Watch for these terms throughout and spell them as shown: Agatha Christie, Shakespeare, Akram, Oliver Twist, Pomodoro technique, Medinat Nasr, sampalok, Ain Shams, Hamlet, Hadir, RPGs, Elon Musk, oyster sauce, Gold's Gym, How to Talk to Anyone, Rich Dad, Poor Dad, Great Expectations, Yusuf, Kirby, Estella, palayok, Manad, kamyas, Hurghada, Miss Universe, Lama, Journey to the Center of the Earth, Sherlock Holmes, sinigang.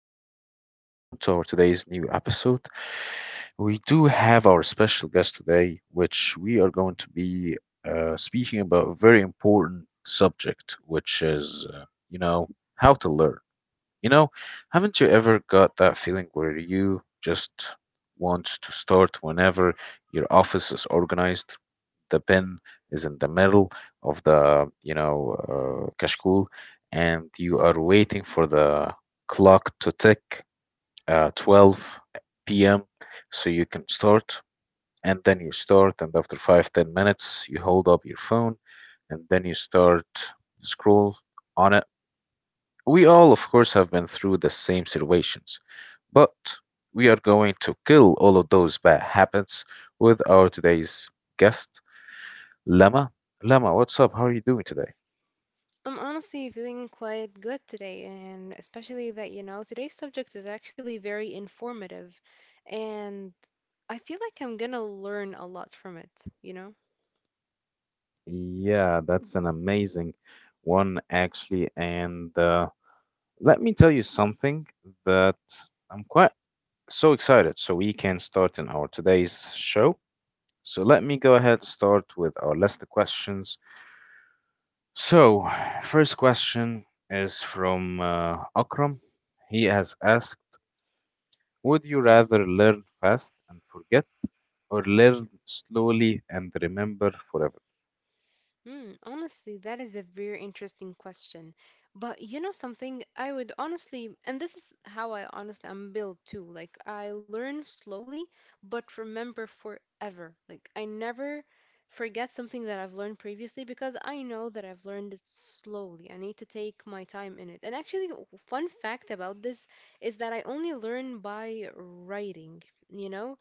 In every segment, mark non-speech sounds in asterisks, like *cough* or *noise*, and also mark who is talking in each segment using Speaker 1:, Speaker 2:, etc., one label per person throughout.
Speaker 1: guys, welcome to our today's new episode. We do have our special guest today, which we are going to be speaking about a very important subject, which is you know how to learn. You know, haven't you ever got that feeling where you just want to start whenever your office is organized? The pen is in the middle of the kashkul, and you are waiting for the clock to tick 12 p.m. so you can start. And then you start, and after 5, 10 minutes, you hold up your phone, and then you start scroll on it. We all, of course, have been through the same situations, but we are going to kill all of those bad habits with our today's guest, Lama. Lama, what's up? How are you doing today?
Speaker 2: I'm honestly feeling quite good today, and especially that, you know, today's subject is actually very informative, and I feel like I'm gonna learn a lot from it, you know?
Speaker 1: Yeah, that's an amazing one, actually. And Let me tell you something that I'm quite so excited so we can start in our today's show. So let me go ahead start with our list of questions. So, first question is from Akram. He has asked, "Would you rather learn fast and forget or learn slowly and remember forever?"
Speaker 2: Mm, honestly, that is a very interesting question. But you know something, I would honestly, and this is how I'm built too. Like I learn slowly, but remember forever. Like I never forget something that I've learned previously because I know that I've learned it slowly. I need to take my time in it. And actually, fun fact about this is that I only learn by writing, you know?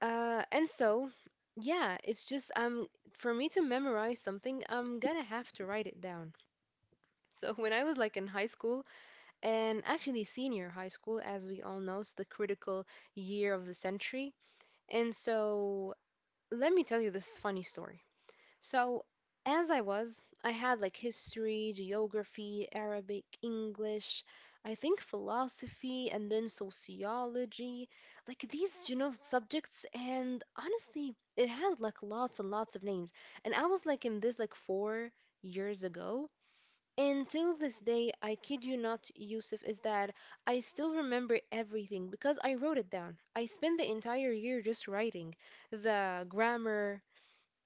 Speaker 2: Uh, and so, yeah, it's just for me to memorize something, I'm gonna have to write it down. *laughs* So when I was like in high school and actually senior high school, as we all know, it's the critical year of the century. And so let me tell you this funny story. So, I had like history, geography, Arabic, English, I think philosophy, and then sociology, like these, you know, subjects. And honestly, it had like lots and lots of names. And I was like in this like 4 years ago. Until this day, I kid you not, Yusuf, is that I still remember everything because I wrote it down. I spent the entire year just writing the grammar,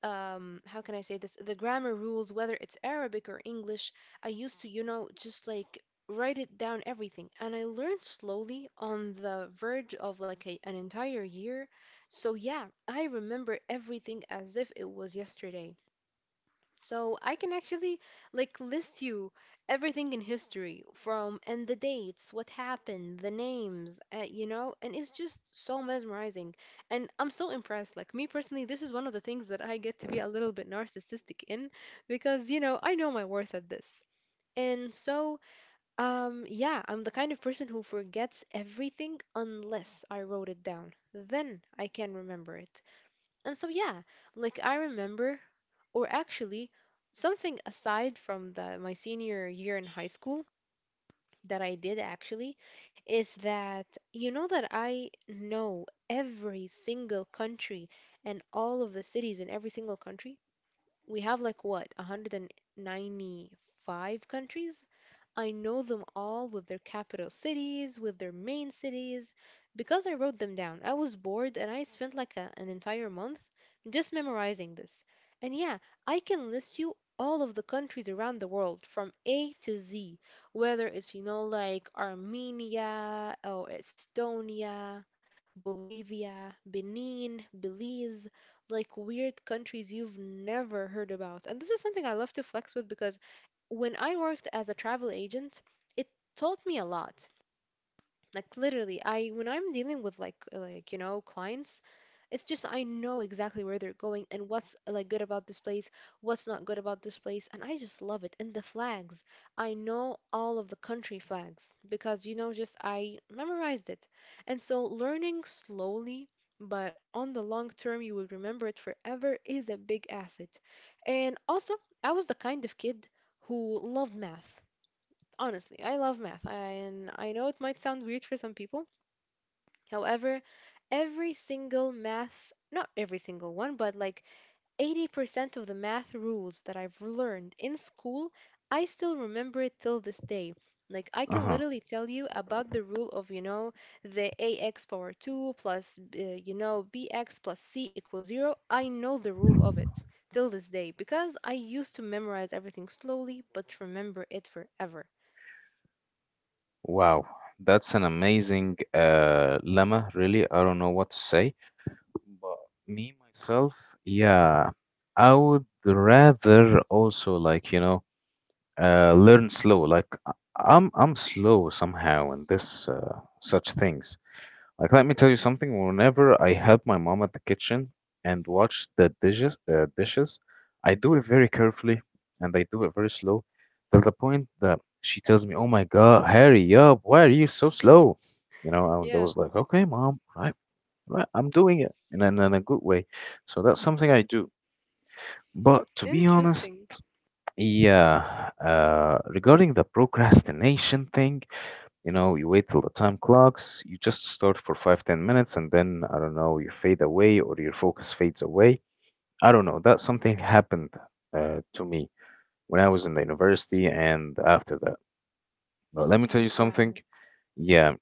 Speaker 2: how can I say this, the grammar rules, whether it's Arabic or English. I used to, you know, just like write it down everything, and I learned slowly on the verge of like an entire year. So yeah, I remember everything as if it was yesterday. So I can actually like list you everything in history from and the dates, what happened, the names, you know, and it's just so mesmerizing. And I'm so impressed. Like me personally, this is one of the things that I get to be a little bit narcissistic in because, you know, I know my worth at this. And so, yeah, I'm the kind of person who forgets everything unless I wrote it down. Then I can remember it. And so, yeah, like I remember, or actually something aside from the my senior year in high school that I did actually is that, you know, that I know every single country and all of the cities in every single country. We have like what, 195 countries? I know them all with their capital cities, with their main cities, because I wrote them down. I was bored and I spent like an entire month just memorizing this. And yeah, I can list you all of the countries around the world from A to Z, whether it's, you know, like Armenia or Estonia, Bolivia, Benin, Belize, like weird countries you've never heard about. And this is something I love to flex with because when I worked as a travel agent, it taught me a lot. Like literally, I when I'm dealing with like like, you know, clients, it's just I know exactly where they're going and what's like good about this place, what's not good about this place, and I just love it. And the flags, I know all of the country flags because, you know, just I memorized it. And so learning slowly but on the long term, you will remember it forever is a big asset. And also, I was the kind of kid who loved math. Honestly, I love math, and I know it might sound weird for some people. However, not every single one, but like 80% of the math rules that I've learned in school, I still remember it till this day. Like, I can
Speaker 1: Uh-huh.
Speaker 2: literally tell you about the rule of, you know, the ax power 2 plus, you know, bx plus c equals 0. I know the rule of it till this day because I used to memorize everything slowly but remember it forever.
Speaker 1: Wow. That's an amazing lemma, really. I don't know what to say. But me myself, yeah, I would rather also like, you know, learn slow. Like I'm slow somehow in this such things. Like let me tell you something. Whenever I help my mom at the kitchen and watch the dishes, dishes, I do it very carefully and I do it very slow, till the point that she tells me, "Oh my God, hurry up! Why are you so slow?" You know, and I was like, "Okay, mom, right." Right? I'm doing it in a good way. So that's something I do. But to be honest,
Speaker 2: Interesting.
Speaker 1: yeah, regarding the procrastination thing, you know, you wait till the time clocks, you just start for 5, 10 minutes, and then, I don't know, you fade away or your focus fades away. I don't know. That something happened to me when I was in the university and after that. But let me tell you something.
Speaker 2: Wow.
Speaker 1: Yeah,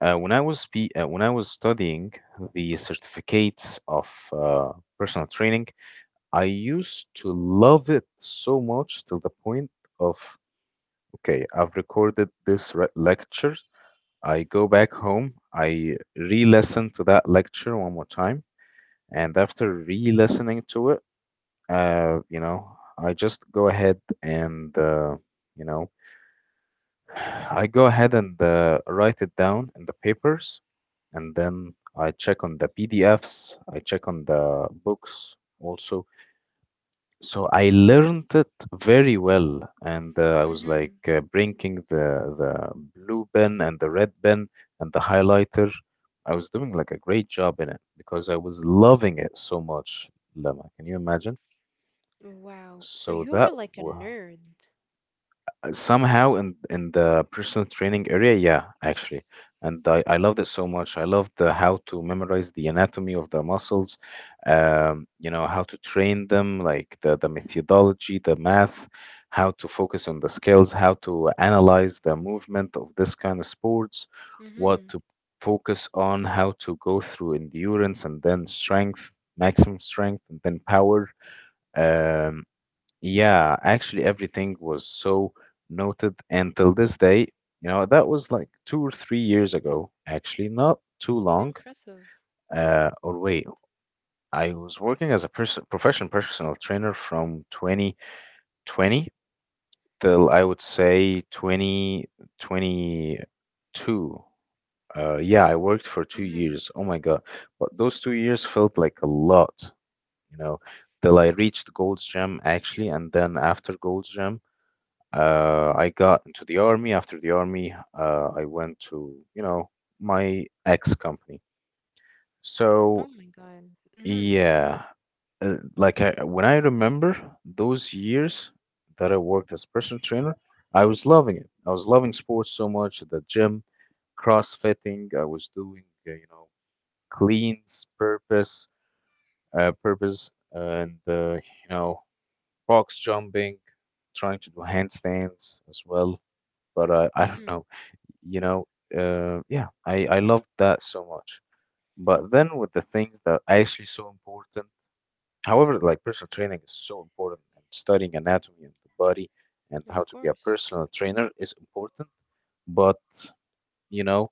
Speaker 1: when I was when I was studying the certificates of personal training, I used to love it so much till the point of, okay, I've recorded this lecture. I go back home, I re-listen to that lecture one more time, and after re-listening to it, uh, you know, I just go ahead and, you know, *sighs* I go ahead and write it down in the papers, and then I check on the PDFs, I check on the books also. So I learned it very well, and I was like
Speaker 2: Hmm.
Speaker 1: bringing the blue pen and the red pen and the highlighter. I was doing like a great job in it because I was loving it so much, Lama. Can you imagine?
Speaker 2: Wow. So
Speaker 1: So
Speaker 2: you
Speaker 1: that
Speaker 2: were like a
Speaker 1: w
Speaker 2: nerd.
Speaker 1: somehow in the personal training area, yeah, actually. And I loved it so much. I loved how to memorize the anatomy of the muscles. You know, how to train them, like the methodology, the math, how to focus on the skills, how to analyze the movement of this kind of sports, what
Speaker 2: Hmm.
Speaker 1: to focus on, how to go through endurance and then strength, maximum strength, and then power. Um, yeah, actually, everything was so noted until this day. You know, that was like 2 or 3 years ago, actually, not too long.
Speaker 2: Impressive.
Speaker 1: Or wait, I was working as a person, professional personal trainer from 2020 till I would say 2022. Yeah, I worked for two
Speaker 2: Hmm.
Speaker 1: years. Oh my God. But those 2 years felt like a lot, you know, till I reached Gold's Gym, actually, and then after Gold's Gym. I got into the army. After the army, I went to, you know, my ex company.
Speaker 2: Oh
Speaker 1: So,
Speaker 2: my God. Hmm.
Speaker 1: yeah, when I remember those years that I worked as personal trainer, I was loving it. I was loving sports so much, the gym, crossfitting. I was doing, cleans, purpose, purpose, and, box jumping, trying to do handstands as well. But I don't
Speaker 2: Hmm.
Speaker 1: know, you know, I loved that so much. But then with the things that are actually so important, however, like personal training is so important and studying anatomy and the body and how
Speaker 2: Of
Speaker 1: to be a
Speaker 2: course.
Speaker 1: personal trainer is important. But, you know,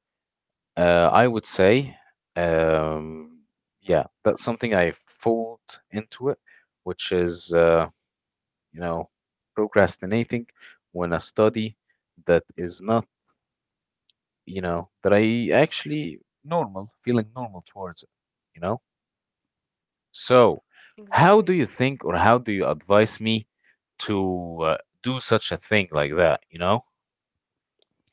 Speaker 1: I would say, um, yeah, that's something I fold into it, which is, you know, procrastinating when a study that is not you know, that I actually normal, feeling normal towards it, you know? So, how do
Speaker 2: Exactly.
Speaker 1: you think or how do you advise me to do such a thing like that, you know?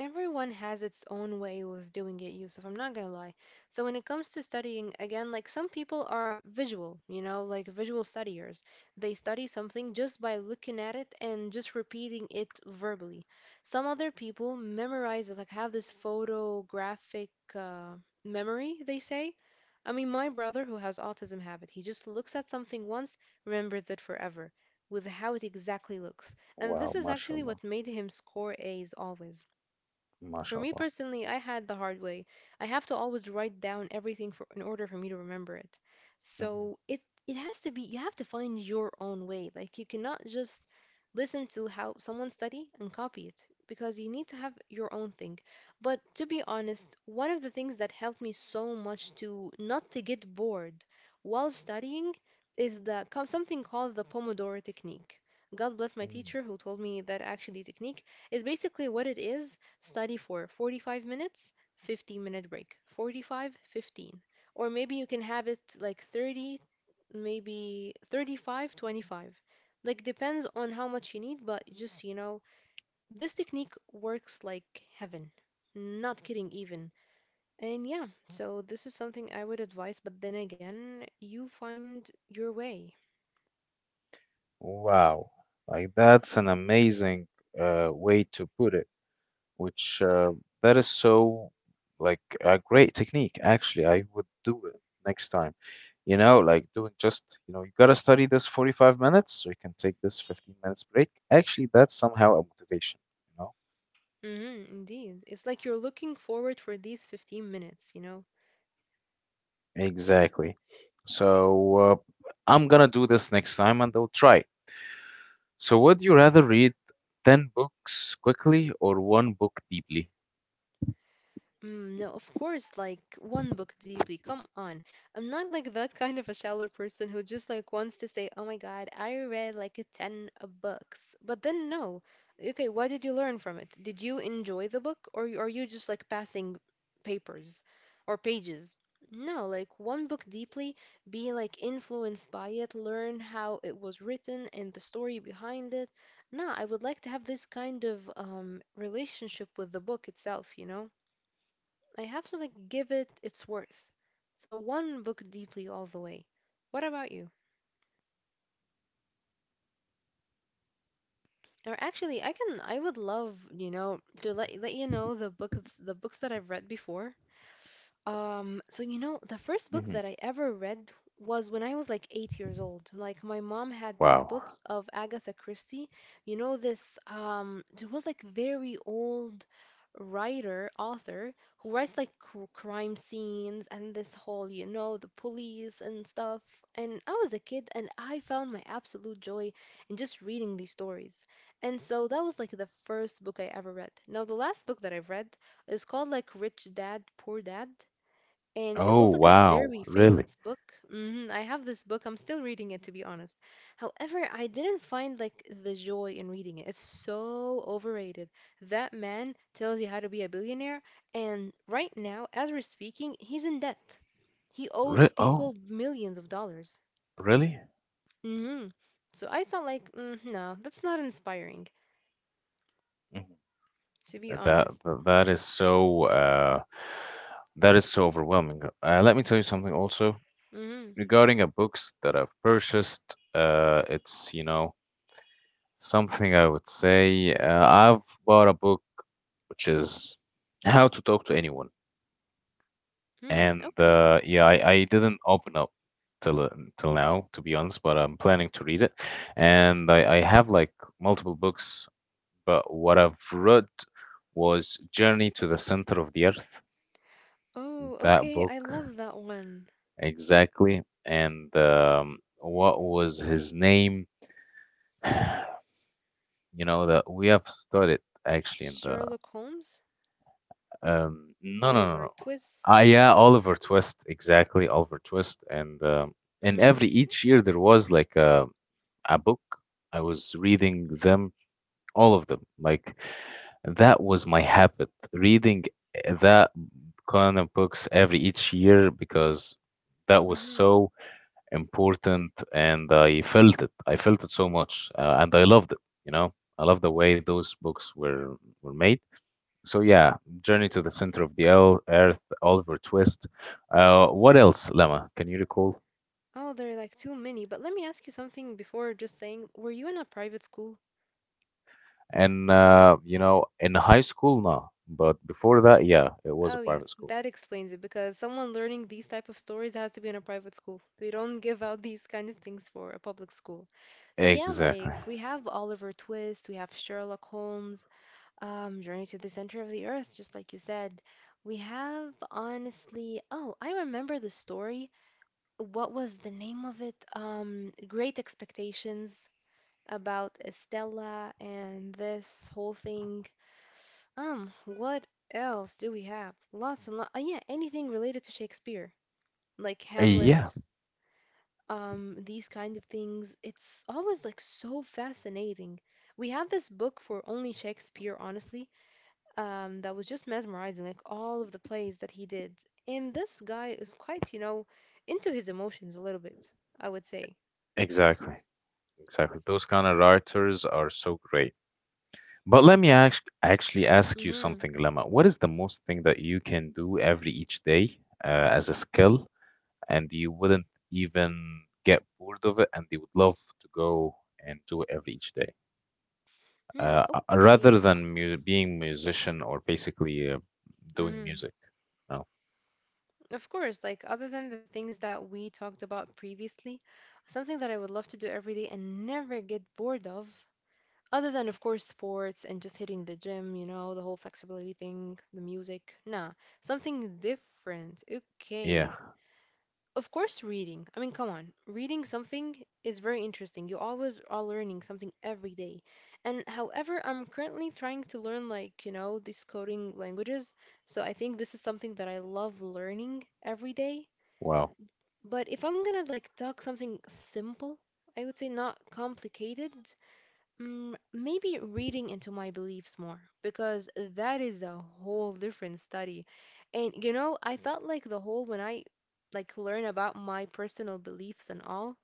Speaker 2: Everyone has its own way with doing it, Yusuf, I'm not gonna lie. So when it comes to studying, again, like some people are visual, you know, like visual studiers. They study something just by looking at it and just repeating it verbally. Some other people memorize it, like have this photographic memory, they say. I mean, my brother who has autism have it. He just looks at something once, remembers it forever with how it exactly looks. And
Speaker 1: Wow,
Speaker 2: this is actually
Speaker 1: mashallah,
Speaker 2: what made him score A's always. For me
Speaker 1: mashallah.
Speaker 2: personally, I had the hard way. I have to always write down everything for, in order for me to remember it.
Speaker 1: Mhm,
Speaker 2: So it has to be, you have to find your own way. Like you cannot just listen to how someone study and copy it because you need to have your own thing. But to be honest, one of the things that helped me so much to not to get bored while studying is the something called the Pomodoro technique. God bless my
Speaker 1: mhm.
Speaker 2: teacher who told me that actually. Technique is basically what it is. Study for 45 minutes, 15-minute break. 45, 15. Or maybe you can have it like 30, maybe 35, 25. Like depends on how much you need, but just, you know, this technique works like heaven. Not kidding even. And yeah, so this is something I would advise, but then again, you find your way.
Speaker 1: Wow, like that's an amazing way to put it, which that is so like a great technique. Actually, I would do it next time. You know, like doing just, you know, you gotta study this 45 minutes so you can take this 15 minutes break. Actually, that's somehow a motivation, you know?
Speaker 2: Hmm, indeed. It's like you're looking forward for these 15 minutes, you know?
Speaker 1: Exactly. So I'm gonna do this next time and I'll try. It. So would you rather read 10 books quickly or one book deeply?
Speaker 2: Mm, no, of course, like one book deeply. Come on. I'm not like that kind of a shallow person who just like wants to say, "Oh my God, I read like a 10 of books." But then no. Okay, what did you learn from it? Did you enjoy the book, or are you just like passing papers or pages? No, like one book deeply, be like influenced by it, learn how it was written and the story behind it. No, I would like to have this kind of relationship with the book itself, you know? I have to like give it its worth. So one book deeply all the way. What about you? Or actually, I would love, you know, to let you know the books that I've read before. So, you know, the first book
Speaker 1: Hmm.
Speaker 2: that I ever read was when I was like 8 years old. Like my mom had these books
Speaker 1: Wow.
Speaker 2: of Agatha Christie. You know, this there was like very old writer, author who writes like crime scenes and this whole, you know, the police and stuff. And I was a kid and I found my absolute joy in just reading these stories. And so that was like the first book I ever read. Now, the last book that I've read is called like Rich Dad, Poor Dad, and it
Speaker 1: Oh
Speaker 2: was like a
Speaker 1: wow,
Speaker 2: very
Speaker 1: really?
Speaker 2: famous book. Hmm. I have this book. I'm still reading it, to be honest. However, I didn't find like the joy in reading it. It's so overrated. That man tells you how to be a billionaire, and right now, as we're speaking, he's in debt. He
Speaker 1: Re
Speaker 2: owes
Speaker 1: oh,
Speaker 2: people millions of dollars.
Speaker 1: really?
Speaker 2: Hmm. So I thought, like, mm, no, that's not inspiring,
Speaker 1: Mhm.
Speaker 2: to be
Speaker 1: That that
Speaker 2: honest.
Speaker 1: that is so overwhelming. Let me tell you something also
Speaker 2: Hmm.
Speaker 1: regarding a books that I've purchased. It's, you know, something I would say I've bought a book which is How to Talk to Anyone.
Speaker 2: Hmm.
Speaker 1: And
Speaker 2: Okay.
Speaker 1: yeah, I didn't open up till uh, till now, to be honest, but I'm planning to read it. And I have like multiple books. But what I've read was Journey to the Center of the Earth,
Speaker 2: Oh,
Speaker 1: that
Speaker 2: okay.
Speaker 1: book
Speaker 2: I love that one.
Speaker 1: exactly. And what was his name? You know, that we have studied actually in the.
Speaker 2: Sherlock Holmes,
Speaker 1: No, no, no,
Speaker 2: Oliver
Speaker 1: no.
Speaker 2: Twist.
Speaker 1: Ah, yeah, Oliver Twist, exactly, Oliver Twist. And every
Speaker 2: Mhm.
Speaker 1: each year there was like a book. I was reading them all of them. Like that was my habit, reading that kind of books every each year because that was
Speaker 2: Mhm.
Speaker 1: so important and I felt it. I felt it so much and I loved it, you know. I love the way those books were made. So yeah, Journey to the Center of the Earth, Oliver Twist. What else, Lama? Can you recall?
Speaker 2: Oh, there are like too many. But let me ask you something before just saying, were you in a private school?
Speaker 1: And you know, in high school, no, but before that, yeah, it was a
Speaker 2: Oh yeah,
Speaker 1: private school.
Speaker 2: that explains it because someone learning these type of stories has to be in a private school. They don't give out these kind of things for a public school. So yeah,
Speaker 1: Exactly.
Speaker 2: like we have Oliver Twist, we have Sherlock Holmes, Journey to the Center of the Earth, just like you said. We have honestly, oh, I remember the story. What was the name of it? Great Expectations. About Estella and this whole thing. What else do we have? Lots and lots. Yeah, anything related to Shakespeare, like Hamlet,
Speaker 1: Yeah,
Speaker 2: these kind of things. It's always like so fascinating. We have this book for only Shakespeare, honestly, that was just mesmerizing, like all of the plays that he did. And this guy is quite, you know, into his emotions a little bit, I would say.
Speaker 1: exactly. Exactly. Those kind of writers are so great. But let me ask, actually ask you
Speaker 2: Mm-hmm.
Speaker 1: something, Lama. What is the most thing that you can do every each day as a skill, and you wouldn't even get bored of it, and you would love to go and do it every each day, rather
Speaker 2: Okay.
Speaker 1: than mu being musician or basically doing
Speaker 2: Hmm.
Speaker 1: music? No.
Speaker 2: Of course, like other than the things that we talked about previously, something that I would love to do every day and never get bored of, other than, of course, sports and just hitting the gym, you know, the whole flexibility thing, the music. Nah, something different.
Speaker 1: Yeah.
Speaker 2: Okay. Of course, reading. I mean, come on. Reading something is very interesting. You always are learning something every day. And however, I'm currently trying to learn, like, you know, these coding languages. So I think this is something that I love learning every day,
Speaker 1: Wow.
Speaker 2: but if I'm gonna like talk something simple, I would say not complicated. Maybe reading into my beliefs more because that is a whole different study. And you know, I thought like the whole when I like learn about my personal beliefs and all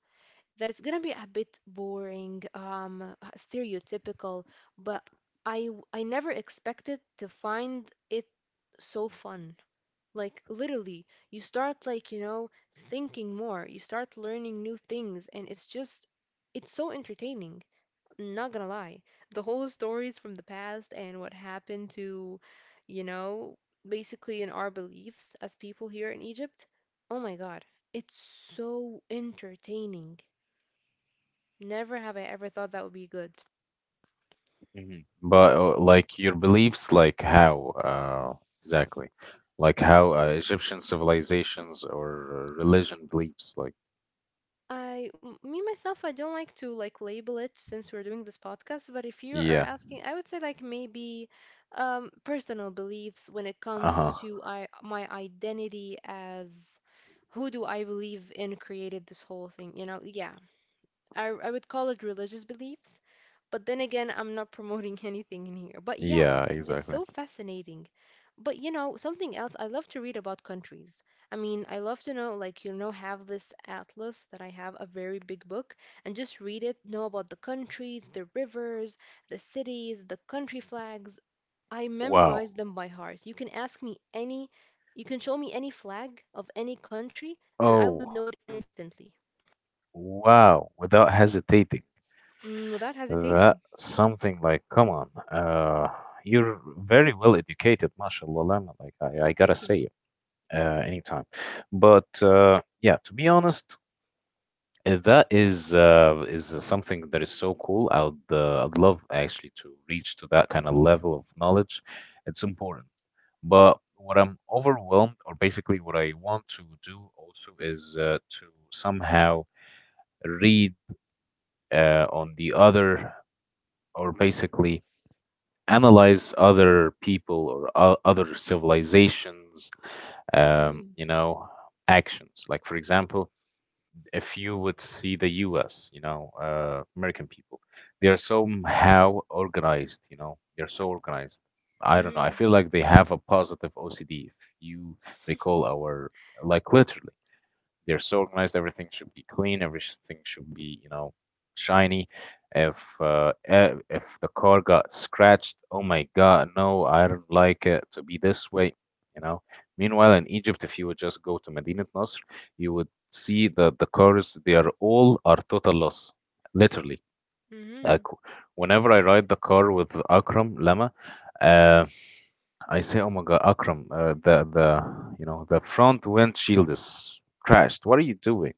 Speaker 2: that it's gonna be a bit boring, stereotypical, but I never expected to find it so fun. Like, literally you start, like, you know, thinking more, you start learning new things, and it's so entertaining, not gonna lie. The whole stories from the past and what happened to, you know, basically in our beliefs as people here in Egypt. Oh my God, it's so entertaining. Never have I ever thought that would be good.
Speaker 1: Mhm. But like your beliefs, like how exactly, like how Egyptian civilizations or religion beliefs, like
Speaker 2: Me myself, I don't like to like label it since we're doing this podcast, but if you are
Speaker 1: yeah,
Speaker 2: asking, I would say like maybe personal beliefs when it comes
Speaker 1: uh-huh,
Speaker 2: to I my identity as who do I believe in created this whole thing, you know? Yeah, I would call it religious beliefs. But then again, I'm not promoting *laughs* anything in here. But yeah,
Speaker 1: yeah,
Speaker 2: it's
Speaker 1: exactly.
Speaker 2: so fascinating. But you know, something else, I love to read about countries. I mean, I love to know, like, you know, have this atlas that I have, a very big book, and just read it, know about the countries, the rivers, the cities, the country flags. I
Speaker 1: Wow.
Speaker 2: memorize them by heart. You can ask me any, you can show me any flag of any country, and I would know
Speaker 1: Oh,
Speaker 2: it instantly.
Speaker 1: wow. Without hesitating.
Speaker 2: Without hesitating.
Speaker 1: That something like, come on, you're very well educated, mashallah, Lama, like
Speaker 2: Oh,
Speaker 1: I
Speaker 2: thank
Speaker 1: gotta
Speaker 2: you.
Speaker 1: say it, anytime. But yeah, to be honest, that is something that is so cool. I'd love actually to reach to that kind of level of knowledge. It's important. But what I'm overwhelmed, or basically what I want to do also is to somehow read on the other, or basically analyze other people or other civilizations,
Speaker 2: Mhm.
Speaker 1: you know, actions. Like, for example, if you would see the US, you know, American people, they are somehow organized, you know, they're so organized. I don't know. I
Speaker 2: Mhm.
Speaker 1: feel like they have a positive OCD. If you recall our, like, literally they're so organized. Everything should be clean. Everything should be, you know, shiny. If if the car got scratched, oh my God, no, I don't like it to be this way. You know. Meanwhile, in Egypt, if you would just go to Medinat Nasr, you would see that the cars they are all are total loss, literally.
Speaker 2: Mhm.
Speaker 1: Uh,
Speaker 2: Mhm.
Speaker 1: qu- Whenever I ride the car with Akram Lama, uh, I say, "Oh my God, Akram, the you know, the front windshield is crashed. What are you doing?"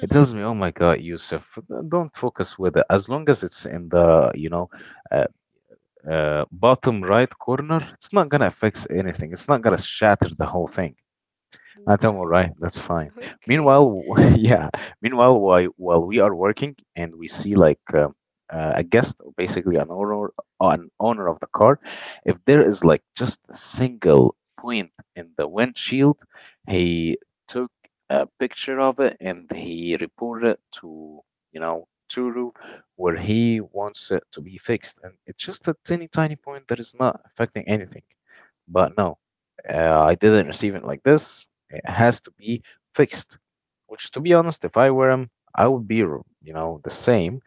Speaker 1: It tells me, "Oh my God, Yusuf, don't focus with it. As long as it's in the you know uh, bottom right corner, it's not gonna fix anything. It's not gonna shatter the whole thing." I tell
Speaker 2: Wow.
Speaker 1: all right, that's fine.
Speaker 2: Okay.
Speaker 1: Meanwhile, *laughs* yeah. Meanwhile, while we are working and we see like a guest or basically an owner of the car, if there is like just a single point in the windshield, he took a picture of it and he reported it to you know Turu, where he wants it to be fixed. And it's just a teeny tiny point that is not affecting anything. But no, I didn't receive it like this. It has to be fixed. Which, to be honest, if I were him, I would be, the same.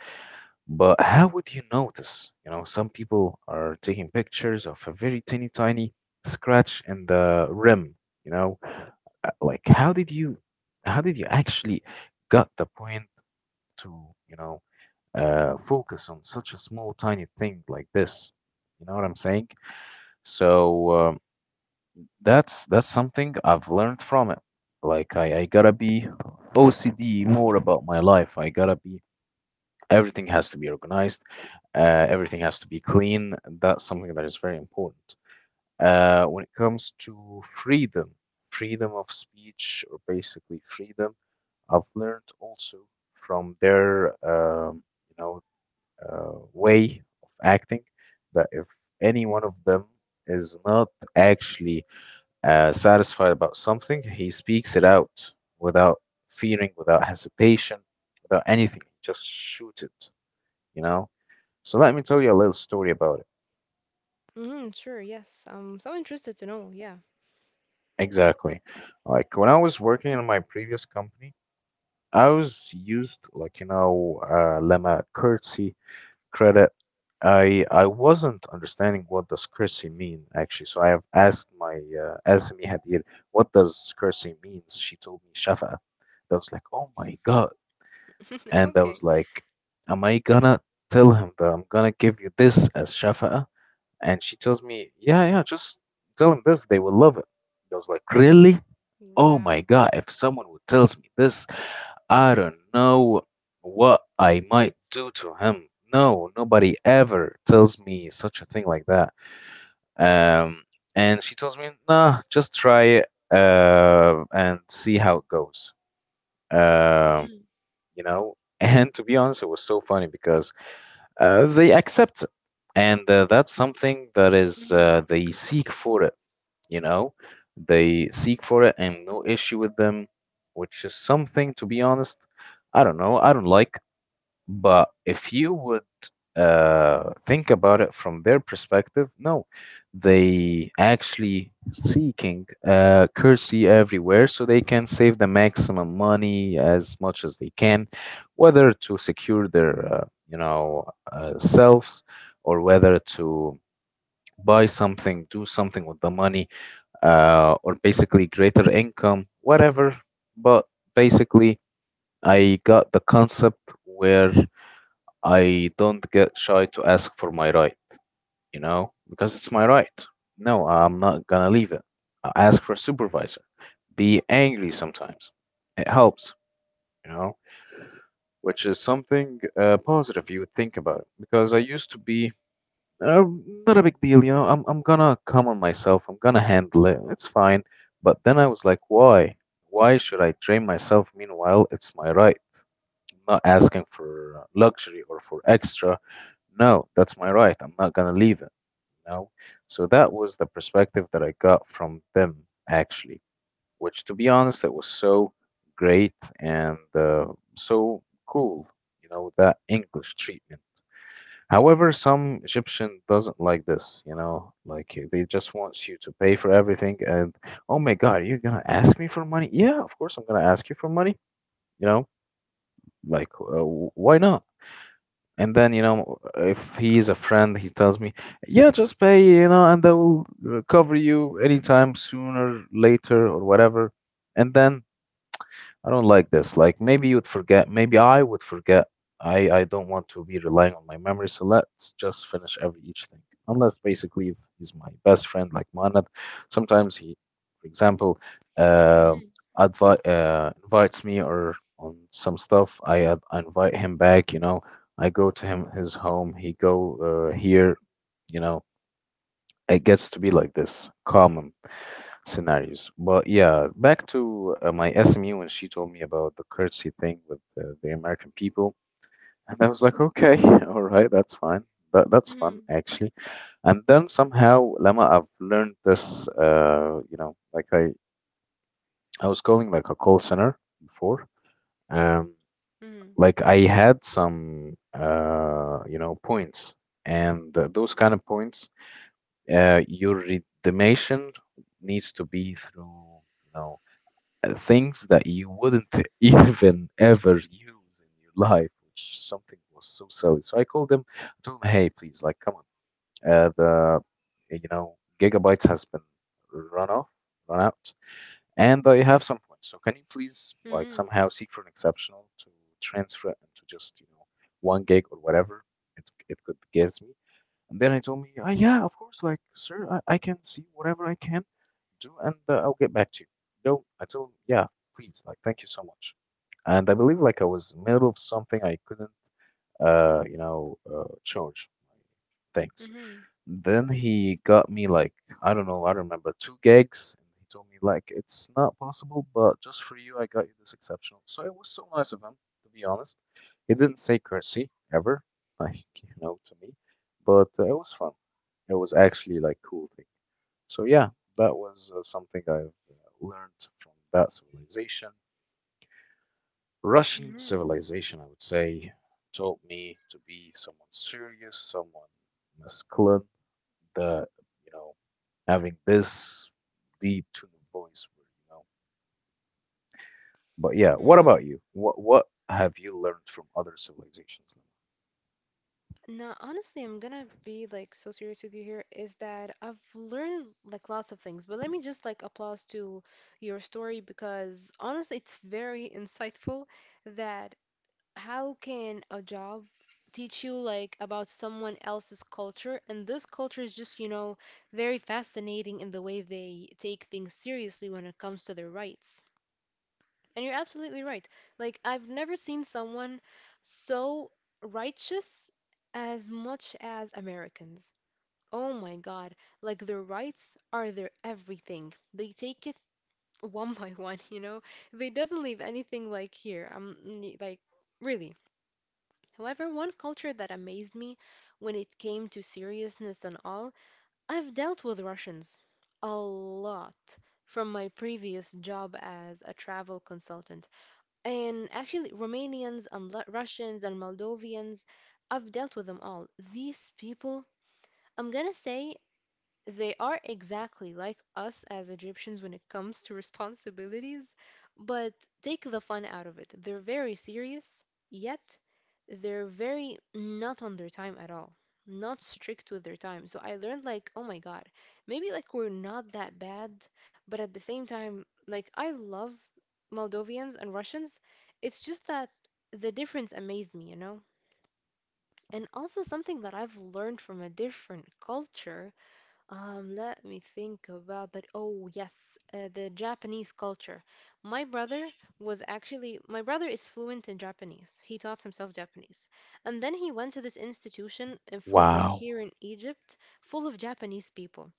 Speaker 1: But how would you notice? You know, some people are taking pictures of a very teeny tiny scratch in the rim. You know, like how did you actually got the point to, you know, focus on such a small tiny thing like this? You know what I'm saying? So. That's something I've learned from it. Like I gotta be OCD more about my life. I gotta be everything has to be organized. Everything has to be clean. That's something that is very important. When it comes to freedom, freedom of speech, or basically freedom, I've learned also from their you know way of acting that if any one of them is not actually satisfied about something, he speaks it out without fearing, without hesitation, without anything. Just shoot it, you know? So let me tell you a little story about it.
Speaker 2: Mhm. Sure. Yes. I'm so interested to know. Yeah.
Speaker 1: Exactly. Like when I was working in my previous company, I was used like, Lemma curtsy credit. I wasn't understanding what does curtsy mean actually. So I have asked my SME Hadir, what does curtsy means? She told me shafa. I was like, oh my God.
Speaker 2: *laughs*
Speaker 1: And I
Speaker 2: Okay.
Speaker 1: was like, am I gonna tell him that I'm gonna give you this as shafa'a? And she tells me, yeah, yeah, just tell him this. They will love it. I was like, really? Oh
Speaker 2: Wow.
Speaker 1: my God. If someone would tells me this, I don't know what I might do to him. No, nobody ever tells me such a thing like that. Um, and she tells me, nah, just try it and see how it goes. Um,
Speaker 2: Mhm.
Speaker 1: you know? And to be honest, it was so funny because they accept it. And that's something that is,
Speaker 2: Mhm.
Speaker 1: they seek for it, you know? They seek for it and no issue with them, which is something, to be honest, I don't know, I don't like. But if you would think about it from their perspective. No, they actually seeking currency everywhere so they can save the maximum money as much as they can, whether to secure their selves or whether to buy something, do something with the money, or basically greater income, whatever. But basically, I got the concept where I don't get shy to ask for my right, because it's my right. No, I'm not gonna leave it. I ask for a supervisor. Be angry sometimes. It helps, you know, which is something positive you would think about it. Because I used to be uh, not a big deal. I'm gonna come on myself. I'm gonna handle it. It's fine. But then I was like, why? Why should I train myself? Meanwhile, it's my right not asking for luxury or for extra. No, that's my right. I'm not gonna leave it. You know? So that was the perspective that I got from them actually, which to be honest, it was so great and so cool. You know that English treatment. However, some Egyptian doesn't like this, like they just wants you to pay for everything and oh my God, you're gonna ask me for money? Yeah, of course I'm gonna ask you for money, you know, like why not? And then, if he is a friend, he tells me, yeah, just pay, and I will cover you anytime sooner, later, or whatever. And then I don't like this. Like maybe you'd forget. Maybe I would forget. I don't want to be relying on my memory. So let's just finish every each thing. Unless basically if he's my best friend, like Manad. Sometimes he, for example, um
Speaker 2: Mhm.
Speaker 1: invites me or on some stuff. I invite him back. You know, I go to him his home. He go here. You know, it gets to be like this common scenarios. But yeah, back to my SMU when she told me about the curtsy thing with the American people, and I was like, okay, *laughs* all right, that's fine. That's fun
Speaker 2: Mhm.
Speaker 1: actually. And then somehow, Lama, I've learned this. Like I was calling like a call center before. Um,
Speaker 2: Mhm.
Speaker 1: like I had some points, and those kind of points, your redemption needs to be through things that you wouldn't *laughs* even ever use in your life, which something was so silly. So I called them, I told them, hey, please, like, come on, the gigabytes has been run off, run out, and I have some points. So can you please like
Speaker 2: Mhm.
Speaker 1: somehow seek for an exceptional to transfer it into just 1 gig or whatever it could gives me, and then I told me, yeah, of course, like, sir, I can see whatever I can do and I'll get back to you. No, I told him, yeah, please, like, thank you so much. And I believe like I was in the middle of something I couldn't, charge my things.
Speaker 2: Mhm.
Speaker 1: Then he got me like, I don't know, I don't remember, 2 gigs. And he told me like, it's not possible, but just for you, I got you this exceptional. So it was so nice of him, to be honest. He didn't say curtsy ever, like, *laughs* to me, but it was fun. It was actually like cool thing. So yeah, that was something I've uh, learned from that civilization. Russian
Speaker 2: Mhm.
Speaker 1: civilization, I would say, taught me to be someone serious, someone masculine, the you know having this deep tuning voice, where you know but yeah, what
Speaker 2: Mhm.
Speaker 1: about you? What have you learned from other civilizations?
Speaker 2: Now, honestly, I'm gonna be like so serious with you here. Is that I've learned like lots of things, but let me just like applause to your story, because honestly, it's very insightful. That how can a job teach you like about someone else's culture, and this culture is just, you know, very fascinating in the way they take things seriously when it comes to their rights. And you're absolutely right, like, I've never seen someone so righteous as much as Americans. Oh my God, like, their rights are their everything. They take it *laughs* one by one, you know. They doesn't leave anything. Like, here I'm like really. However, one culture that amazed me when it came to seriousness and all, I've dealt with Russians a lot from my previous job as a travel consultant. And actually, Romanians and Russians and Moldovians, I've dealt with them all. These people, I'm gonna say, they are exactly like us as Egyptians when it comes to responsibilities, but take the fun out of it. They're very serious, yet they're very not on their time at all, not strict with their time. So I learned like, oh my God, maybe like we're not that bad. But at the same time, like, I love Moldovians and Russians. It's just that the difference amazed me, you know. And also something that I've learned from a different culture, let me think about that. Oh, yes, the Japanese culture. My brother my brother is fluent in Japanese. He taught himself Japanese. And then he went to this institution in full, like
Speaker 1: Wow.
Speaker 2: here in Egypt, full of Japanese people,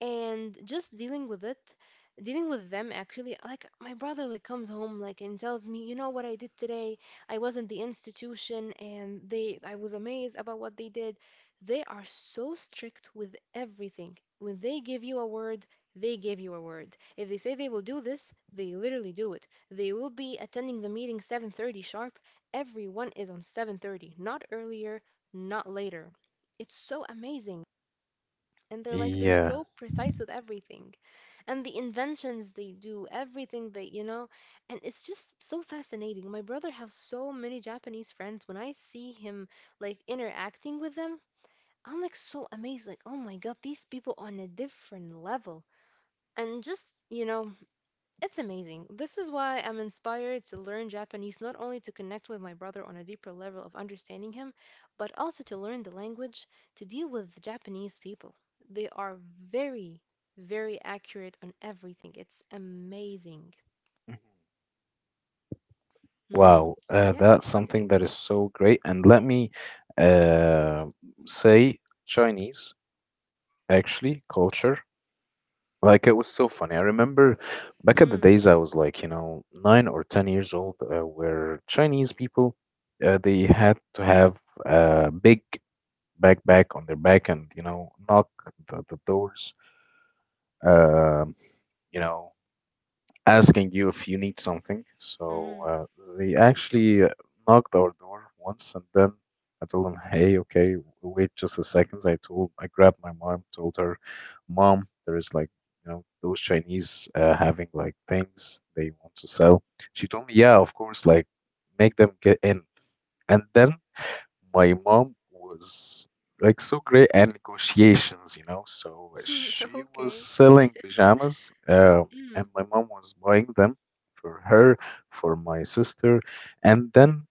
Speaker 2: and just dealing with them. Actually, like, my brother like comes home, like, and tells me, you know what I did today, I was in the institution and they, I was amazed about what they did. They are so strict with everything. When they give you a word, they give you a word. If they say they will do this, they literally do it. They will be attending the meeting 7:30 sharp. Everyone is on 7:30, not earlier, not later. It's so amazing. And they're like, they're
Speaker 1: Yeah.
Speaker 2: so precise with everything. And the inventions, they do everything, they, you know. And it's just so fascinating. My brother has so many Japanese friends. When I see him like interacting with them, I'm like so amazed, like, oh my God, these people on a different level. And just, you know, it's amazing. This is why I'm inspired to learn Japanese, not only to connect with my brother on a deeper level of understanding him, but also to learn the language to deal with Japanese people. They are very, very accurate on everything. It's amazing.
Speaker 1: Mhm.
Speaker 2: Hmm.
Speaker 1: Wow,
Speaker 2: Yeah, that's
Speaker 1: that's
Speaker 2: something.
Speaker 1: something that is so great. And let me uh, say Chinese, actually, culture. Like it was so funny. I remember back at the
Speaker 2: Mm,
Speaker 1: days I was like, 9 or 10 years old, where Chinese people, they had to have a big backpack on their back and knock the doors, um, you know, asking you if you need something. So
Speaker 2: mhm.
Speaker 1: they actually knocked our door once, and then I told them, "Hey, okay, wait just a second." I grabbed my mom, told her, "Mom, there is like, those Chinese having like things they want to sell." She told me, "Yeah, of course, like make them get in." And then my mom was like so great at negotiations. So
Speaker 2: *laughs*
Speaker 1: she was
Speaker 2: Okay.
Speaker 1: selling pajamas, and
Speaker 2: Mm,
Speaker 1: my mom was buying them for her, for my sister, and then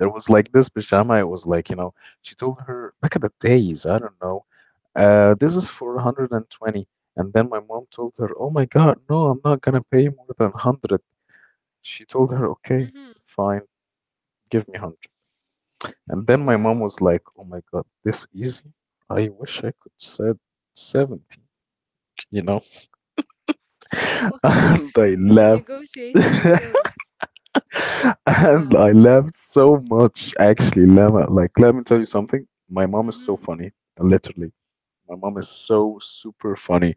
Speaker 1: there was like this pajama. It was like she told her back in the days, I don't know, this is for 120. And then my mom told her, oh my God, no, I'm not gonna pay more than 100. She told her, okay,
Speaker 2: mhm.
Speaker 1: fine, give me 100. And then my mom
Speaker 2: Wow.
Speaker 1: was like, "Oh my God, this easy? I wish I could said 70, you know?"
Speaker 2: *laughs*
Speaker 1: *laughs*
Speaker 2: Wow.
Speaker 1: And I
Speaker 2: The
Speaker 1: laughed.
Speaker 2: negotiation
Speaker 1: *laughs*
Speaker 2: skills.
Speaker 1: And
Speaker 2: Wow.
Speaker 1: I laughed so much, actually, Lama. Like, let me tell you something. My mom is so
Speaker 2: Hmm.
Speaker 1: funny, literally. My mom is so super funny.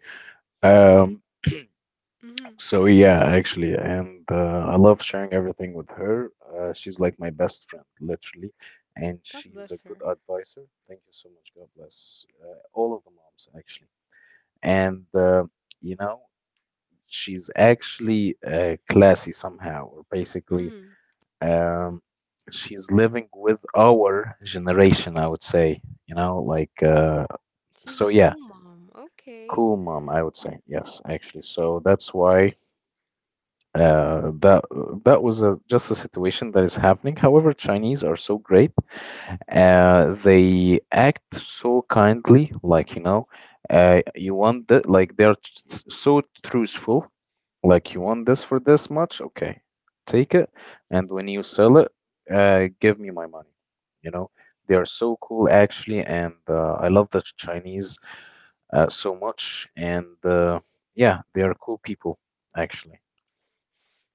Speaker 1: Um,
Speaker 2: Hmm.
Speaker 1: so yeah, actually, and I love sharing everything with her. She's like my best friend, literally, and
Speaker 2: God
Speaker 1: she's a
Speaker 2: bless
Speaker 1: good
Speaker 2: her.
Speaker 1: advisor. Thank you so much. God bless all of the moms, actually. And you know she's actually classy somehow or basically
Speaker 2: Hmm.
Speaker 1: um, she's living with our generation, I would say,
Speaker 2: She's
Speaker 1: so
Speaker 2: a
Speaker 1: yeah,
Speaker 2: cool mom. Okay.
Speaker 1: cool mom, I would say, yes, actually, so that's why uh, that that was, just a situation that is happening. However, Chinese are so great, they act so kindly, like you want that, like they're so truthful. Like you want this for this much? Okay, take it. And when you sell it, give me my money. You know, they are so cool actually, and I love the Chinese so much. And yeah, they are cool people actually.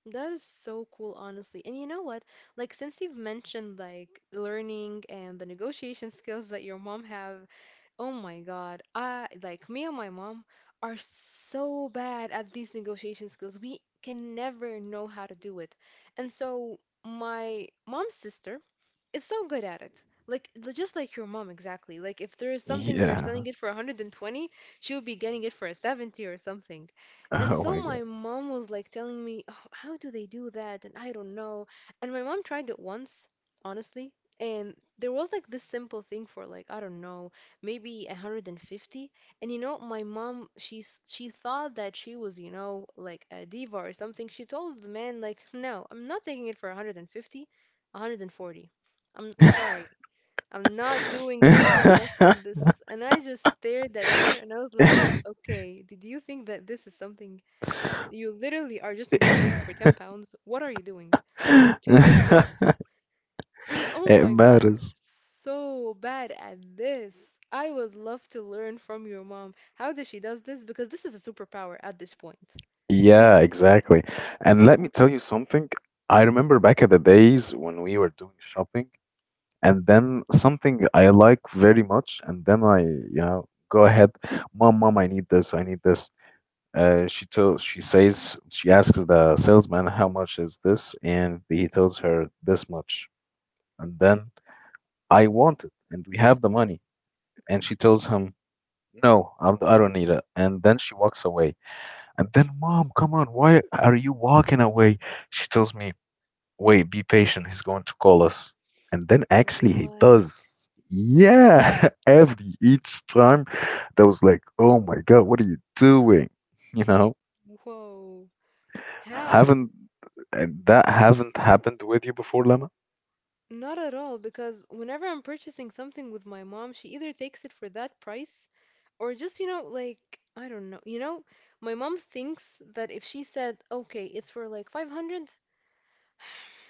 Speaker 2: That is so cool, honestly. And you know what? Like, since you've mentioned like learning and the negotiation *laughs* skills that your mom have, oh my God, I like me and my mom are so bad at these negotiation skills. We can never know how to do it. And so my mom's sister is so good at it. Like, just like your mom exactly. Like, if there is something they're
Speaker 1: Yeah.
Speaker 2: selling
Speaker 1: *laughs*
Speaker 2: it for 120, she would be getting it for a 70 or something. And
Speaker 1: Oh
Speaker 2: so
Speaker 1: my God.
Speaker 2: my mom was like telling me, "Oh, how do they do that?" And I don't know. And my mom tried it once, honestly, and there was like this simple thing for like, I don't know, maybe 150. And you know, my mom, she thought that she was, you know, like a diva or something. She told the man like, "No, I'm not taking it for 150." 140. I'm sorry. I'm not doing anything less than
Speaker 1: *laughs*
Speaker 2: this. And I just stared at her and I was like, okay, did you think that this is something you literally are just negotiating for £10? What are you doing? She was like, yes. And oh
Speaker 1: It
Speaker 2: my God,
Speaker 1: matters.
Speaker 2: so bad at this. I would love to learn from your mom how does she does this, because this is a superpower at this point.
Speaker 1: Yeah,
Speaker 2: Really.
Speaker 1: exactly. And let me tell you something. I remember back at the days when we were doing shopping. And then something I like very much, and then I go ahead, mom, mom, I need this, I need this. She tells, she says, She asks the salesman how much is this, and he tells her this much, and then I want it, and we have the money, and she tells him. No, I don't need it. And then she walks away. And then, mom, come on, why are you walking away? She tells me, wait, be patient. He's going to call us. And then actually he does. Yeah. *laughs* Every each time that was like, oh my God, what are you doing? *laughs* You know,
Speaker 2: Whoa. How?
Speaker 1: haven't and that haven't happened with you before, Lemma?
Speaker 2: Not at all, because whenever I'm purchasing something with my mom, she either takes it for that price or just, you know, like, I don't know. You know, my mom thinks that if she said, okay, it's for like 500,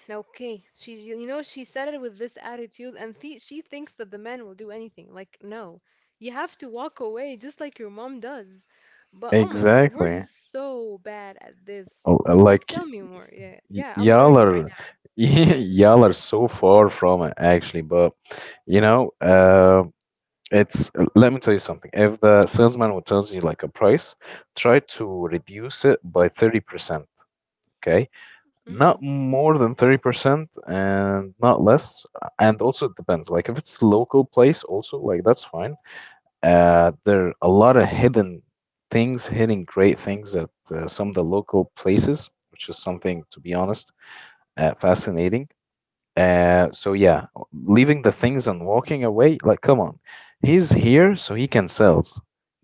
Speaker 2: okay, she, you know, she said it with this attitude, and she thinks that the man will do anything. Like, no, you have to walk away just like your mom does. But oh my God,
Speaker 1: Exactly.
Speaker 2: so bad at this. Mm, like,
Speaker 1: Like
Speaker 2: tell me more. Yeah, yeah, I'm
Speaker 1: y'all
Speaker 2: learning right
Speaker 1: are *laughs* y'all are so far from it, actually, but you know uh, it's let me tell you something. If the salesman will tells you like a price, try to reduce it by 30%. Okay,
Speaker 2: now. Hmm.
Speaker 1: not more than 30% and not less. And also it depends, like if it's local place, also, like, that's fine. There are a lot of hidden things hidden great things at some of the local places, which is something, to be honest, fascinating. So yeah, leaving the things and walking away, like, come on. He's here so he can sell,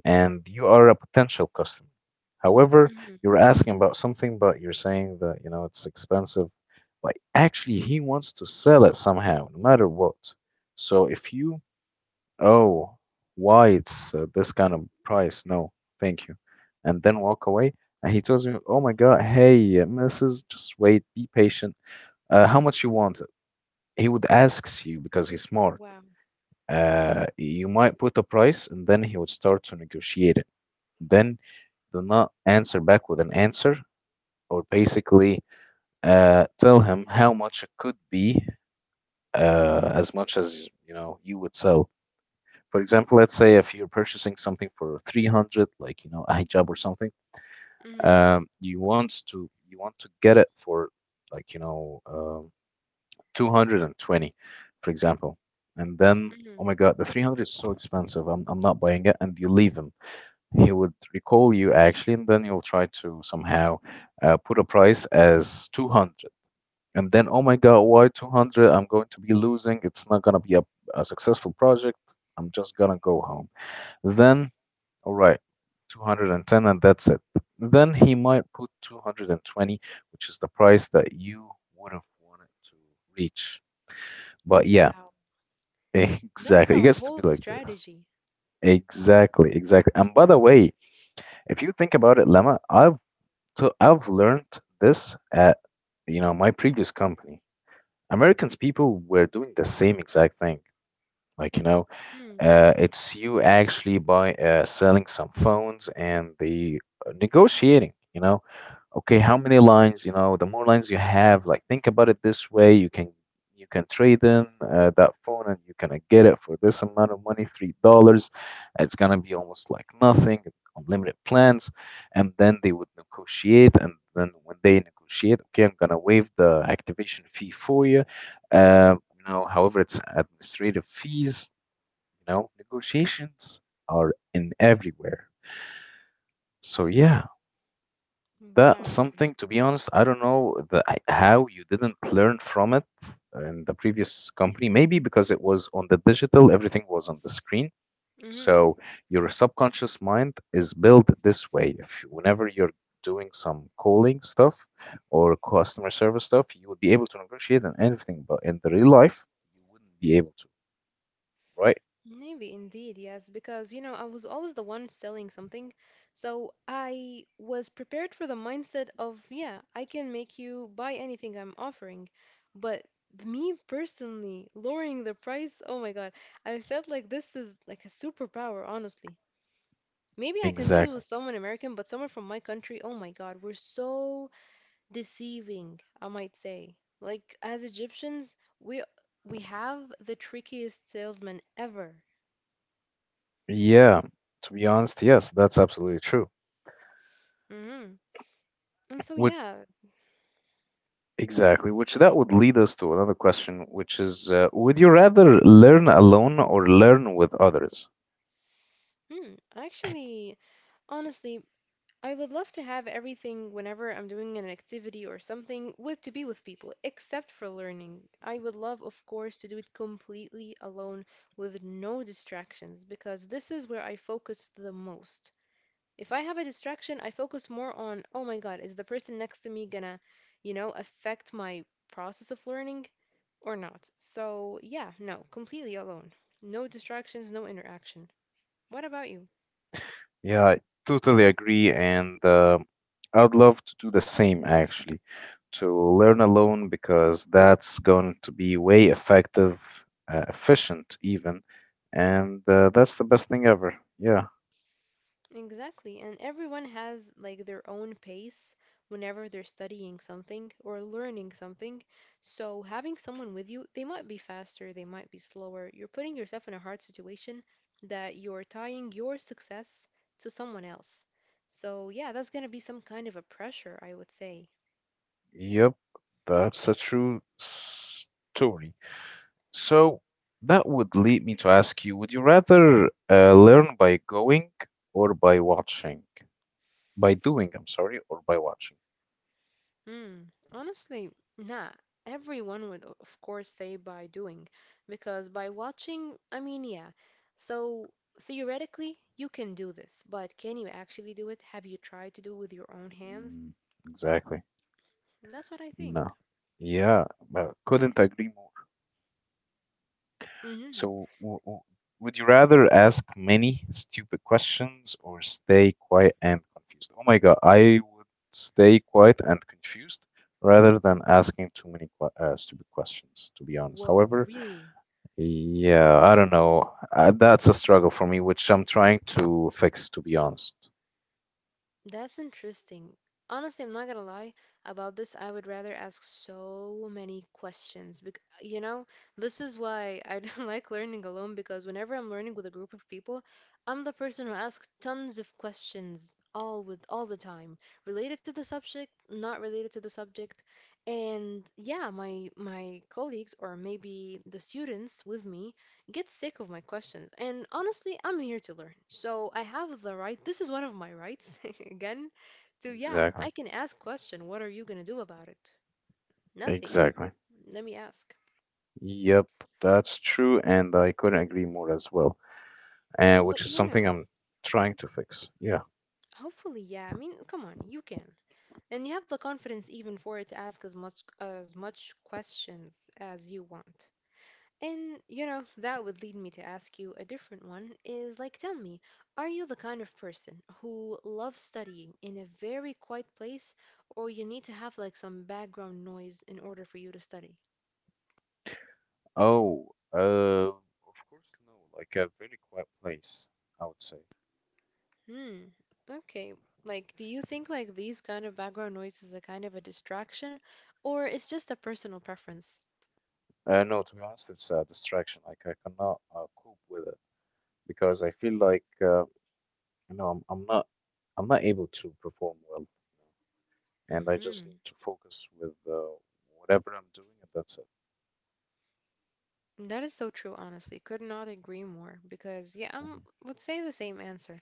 Speaker 1: and you are a potential customer. However,
Speaker 2: Hmm.
Speaker 1: you're asking about something, but you're saying that, it's expensive. But actually, he wants to sell it somehow, no matter what. So if you, oh, why it's this kind of price? No, thank you. And then walk away. And he tells me, oh my God, hey, Mrs., just wait, be patient. How much you want? He would ask you, because he's smart.
Speaker 2: Wow.
Speaker 1: You might put a price, and then he would start to negotiate it. Then do not answer back with an answer, or basically tell him how much it could be, as much as you know you would sell. For example, let's say if you're purchasing something for 300, like a hijab or something,
Speaker 2: Hmm.
Speaker 1: you want to get it for like you know um, 220, for example. And then, oh my
Speaker 2: Hmm.
Speaker 1: God, the 300 is so expensive. I'm not buying it. And you leave him. He would recall you actually, and then you'll try to somehow put a price as 200. And then, oh my God, why 200? I'm going to be losing. It's not going to be a successful project. I'm just going to go home. Then, all right, 210, and ten, and that's it. Then he might put 220, which is the price that you would have wanted to reach. But yeah.
Speaker 2: Wow, that's
Speaker 1: Exactly. It
Speaker 2: a
Speaker 1: gets to be
Speaker 2: whole
Speaker 1: like
Speaker 2: strategy.
Speaker 1: this. Exactly, exactly. And by the way, if you think about it, Lemma, I've learned this at my previous company. Americans people were doing the same exact thing. Like,
Speaker 2: Hmm.
Speaker 1: it's you actually by selling some phones and the negotiating. Okay, how many lines, the more lines you have, like, think about it this way, you can trade in that phone, and you can get it for this amount of money, $3. It's gonna be almost like nothing, unlimited plans, and then they would negotiate, and then when they negotiate, okay, I'm gonna waive the activation fee for you. However, it's administrative fees, negotiations are in everywhere. So yeah, that's
Speaker 2: Wow.
Speaker 1: something. To be honest, I don't know how you didn't learn from it in the previous company. Maybe because it was on the digital, everything was on the screen.
Speaker 2: Mm-hmm.
Speaker 1: So your subconscious mind is built this way. If you- whenever you're doing some calling stuff or customer service stuff, you would be able to negotiate and everything, but in the real life, you wouldn't be able to, right?
Speaker 2: Maybe indeed, yes, because you know, I was always the one selling something. So I was prepared for the mindset of, yeah, I can make you buy anything I'm offering. But me personally, lowering the price, oh my God, I felt like this is like a superpower, honestly. Maybe I can do it
Speaker 1: Exactly.
Speaker 2: with someone American, but someone from my country, oh my God, we're so deceiving, I might say. Like, as Egyptians, we we have the trickiest salesman ever.
Speaker 1: Yeah, to be honest, yes, that's absolutely true.
Speaker 2: Hmm. And so
Speaker 1: Would
Speaker 2: yeah,
Speaker 1: Exactly, which that would lead us to another question, which is, would you rather learn alone or learn with others?
Speaker 2: mm, actually, honestly, I would love to have everything whenever I'm doing an activity or something with, to be with people, except for learning. I would love, of course, to do it completely alone with no distractions, because this is where I focus the most. If I have a distraction, I focus more on, oh my God, is the person next to me gonna, you know, affect my process of learning or not? So, yeah, no, completely alone. No distractions, no interaction. What about you?
Speaker 1: Yeah, I totally agree, and I'd love to do the same actually, to learn alone because that's going to be way effective, efficient even, and that's the best thing ever. Yeah.
Speaker 2: Exactly. And everyone has like their own pace whenever they're studying something or learning something. So having someone with you, they might be faster, they might be slower. You're putting yourself in a hard situation that you're tying your success to someone else. So yeah, that's going to be some kind of a pressure, I would say.
Speaker 1: Yep, that's a true story. So that would lead me to ask you, would you rather learn by going or by watching? By doing, I'm sorry, or by watching?
Speaker 2: Hmm. Honestly, nah. Everyone would, of course, say by doing, because by watching, I mean, yeah. So theoretically, you can do this, but can you actually do it? Have you tried to do it with your own hands?
Speaker 1: Mm, exactly.
Speaker 2: That's what I think.
Speaker 1: No. Yeah, but couldn't agree more.
Speaker 2: Mm-hmm.
Speaker 1: So, w w would you rather ask many stupid questions or stay quiet and confused? Oh my God, I would stay quiet and confused rather than asking too many stupid questions, to be honest.
Speaker 2: Whoa,
Speaker 1: However,
Speaker 2: really?
Speaker 1: yeah, I don't know. That's a struggle for me, which I'm trying to fix, to be honest.
Speaker 2: That's interesting. Honestly, I'm not gonna lie about this. I would rather ask so many questions. Because, you know, this is why I don't *laughs* like learning alone, because whenever I'm learning with a group of people, I'm the person who asks tons of questions all with all the time, related to the subject, not related to the subject. And yeah, my colleagues or maybe the students with me get sick of my questions. And honestly, I'm here to learn. So I have the right, this is one of my rights *laughs* again, to yeah,
Speaker 1: Exactly.
Speaker 2: I can ask question, what are you going to do about it? Nothing.
Speaker 1: Exactly.
Speaker 2: Let me ask.
Speaker 1: Yep, that's true, and I couldn't agree more as well. uh,
Speaker 2: But
Speaker 1: which is
Speaker 2: you
Speaker 1: something
Speaker 2: know,
Speaker 1: I'm trying to fix. Yeah.
Speaker 2: hopefully, yeah. I mean, come on, you can. And you have the confidence even for it to ask as much questions as you want. And you know, that would lead me to ask you a different one is like, tell me, are you the kind of person who loves studying in a very quiet place, or you need to have like some background noise in order for you to study?
Speaker 1: Oh, uh, of course, no. Like a very quiet place, I would say.
Speaker 2: Hmm. Okay. Like, do you think like these kind of background noise is a kind of a distraction, or it's just a personal preference?
Speaker 1: No, to be honest, it's a distraction. Like I cannot cope with it, because I feel like you know I'm, I'm not I'm not able to perform well, and I just
Speaker 2: Mm-hmm.
Speaker 1: need to focus with whatever I'm doing, and that's it.
Speaker 2: That is so true, honestly. Could not agree more because, yeah, I
Speaker 1: Hmm.
Speaker 2: would say the same answer.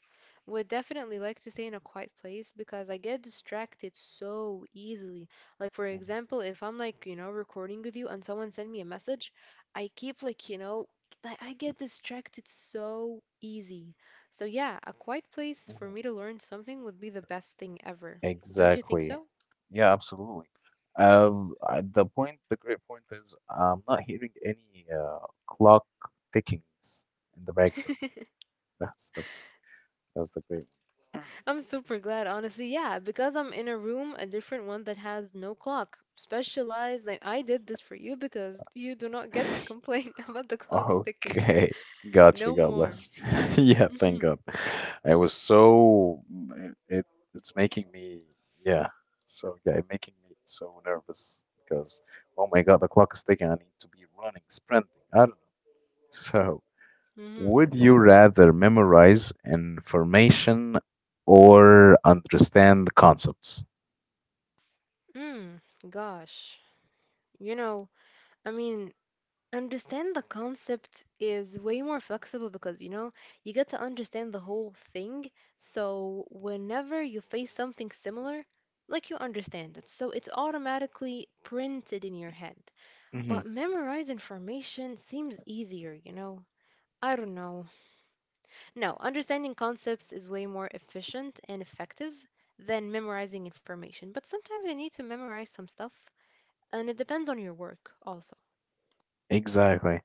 Speaker 2: Would definitely like to stay in a quiet place because I get distracted so easily. Like, for
Speaker 1: Hmm.
Speaker 2: example, if I'm like, you know, recording with you and someone send me a message, I keep like, you know, like I get distracted so easy. So, yeah, a quiet place for
Speaker 1: Hmm.
Speaker 2: me to learn something would be the best thing ever. Don't you think
Speaker 1: Exactly.
Speaker 2: so?
Speaker 1: Yeah, absolutely. The great point is, I'm not hearing any clock tickings in the background.
Speaker 2: *laughs*
Speaker 1: *laughs* That's the point. That's the great
Speaker 2: I'm super glad, honestly. Yeah, because I'm in a room, a different one that has no clock. Specialized, like I did this for you because you do not
Speaker 1: one.
Speaker 2: get to
Speaker 1: *laughs*
Speaker 2: complain *laughs* about the clock sticking.
Speaker 1: Okay. Gotcha.
Speaker 2: No
Speaker 1: God
Speaker 2: more.
Speaker 1: bless. *laughs* Yeah. Thank
Speaker 2: *laughs*
Speaker 1: God. I was so, it it's making me, yeah. So yeah, it making me so nervous because, oh my God, the clock is ticking. I need to be running, sprinting. I don't know. So
Speaker 2: hmm
Speaker 1: would you rather memorize information or understand the concepts?
Speaker 2: Mm, gosh. You know, I mean, understand the concept is way more flexible because, you know, you get to understand the whole thing. So whenever you face something similar, like you understand it. So it's automatically printed in your head. But
Speaker 1: Hmm.
Speaker 2: memorize information seems easier, you know? I don't know. No, understanding concepts is way more efficient and effective than memorizing information. But sometimes I need to memorize some stuff, and it depends on your work also.
Speaker 1: Exactly.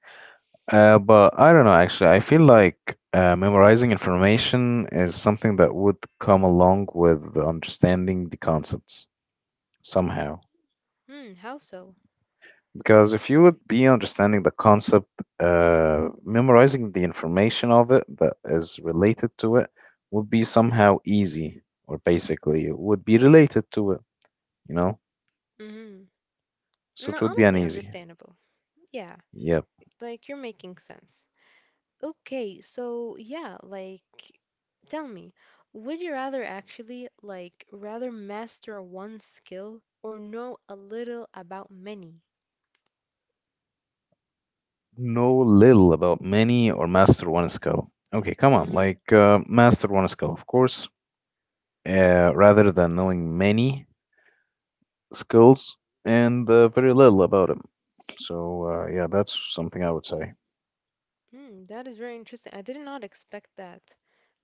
Speaker 1: But I don't know, actually. I feel like memorizing information is something that would come along with understanding the concepts somehow.
Speaker 2: Hmm, how so?
Speaker 1: Because if you would be understanding the concept, memorizing the information of it that is related to it would be somehow easy, or basically it would be related to it, you know?
Speaker 2: Mm-hmm.
Speaker 1: So
Speaker 2: No,
Speaker 1: it would be
Speaker 2: honestly,
Speaker 1: an easy.
Speaker 2: understandable. Yeah,
Speaker 1: Yep.
Speaker 2: like you're making sense. Okay, so yeah, like tell me, would you rather actually like rather master one skill or know a little about many?
Speaker 1: Know little about many or master one skill. Okay, come on,
Speaker 2: Mm,
Speaker 1: like, master one skill, of course, rather than knowing many skills and very little about them. So, yeah, that's something I would say.
Speaker 2: that is very interesting. I did not expect that.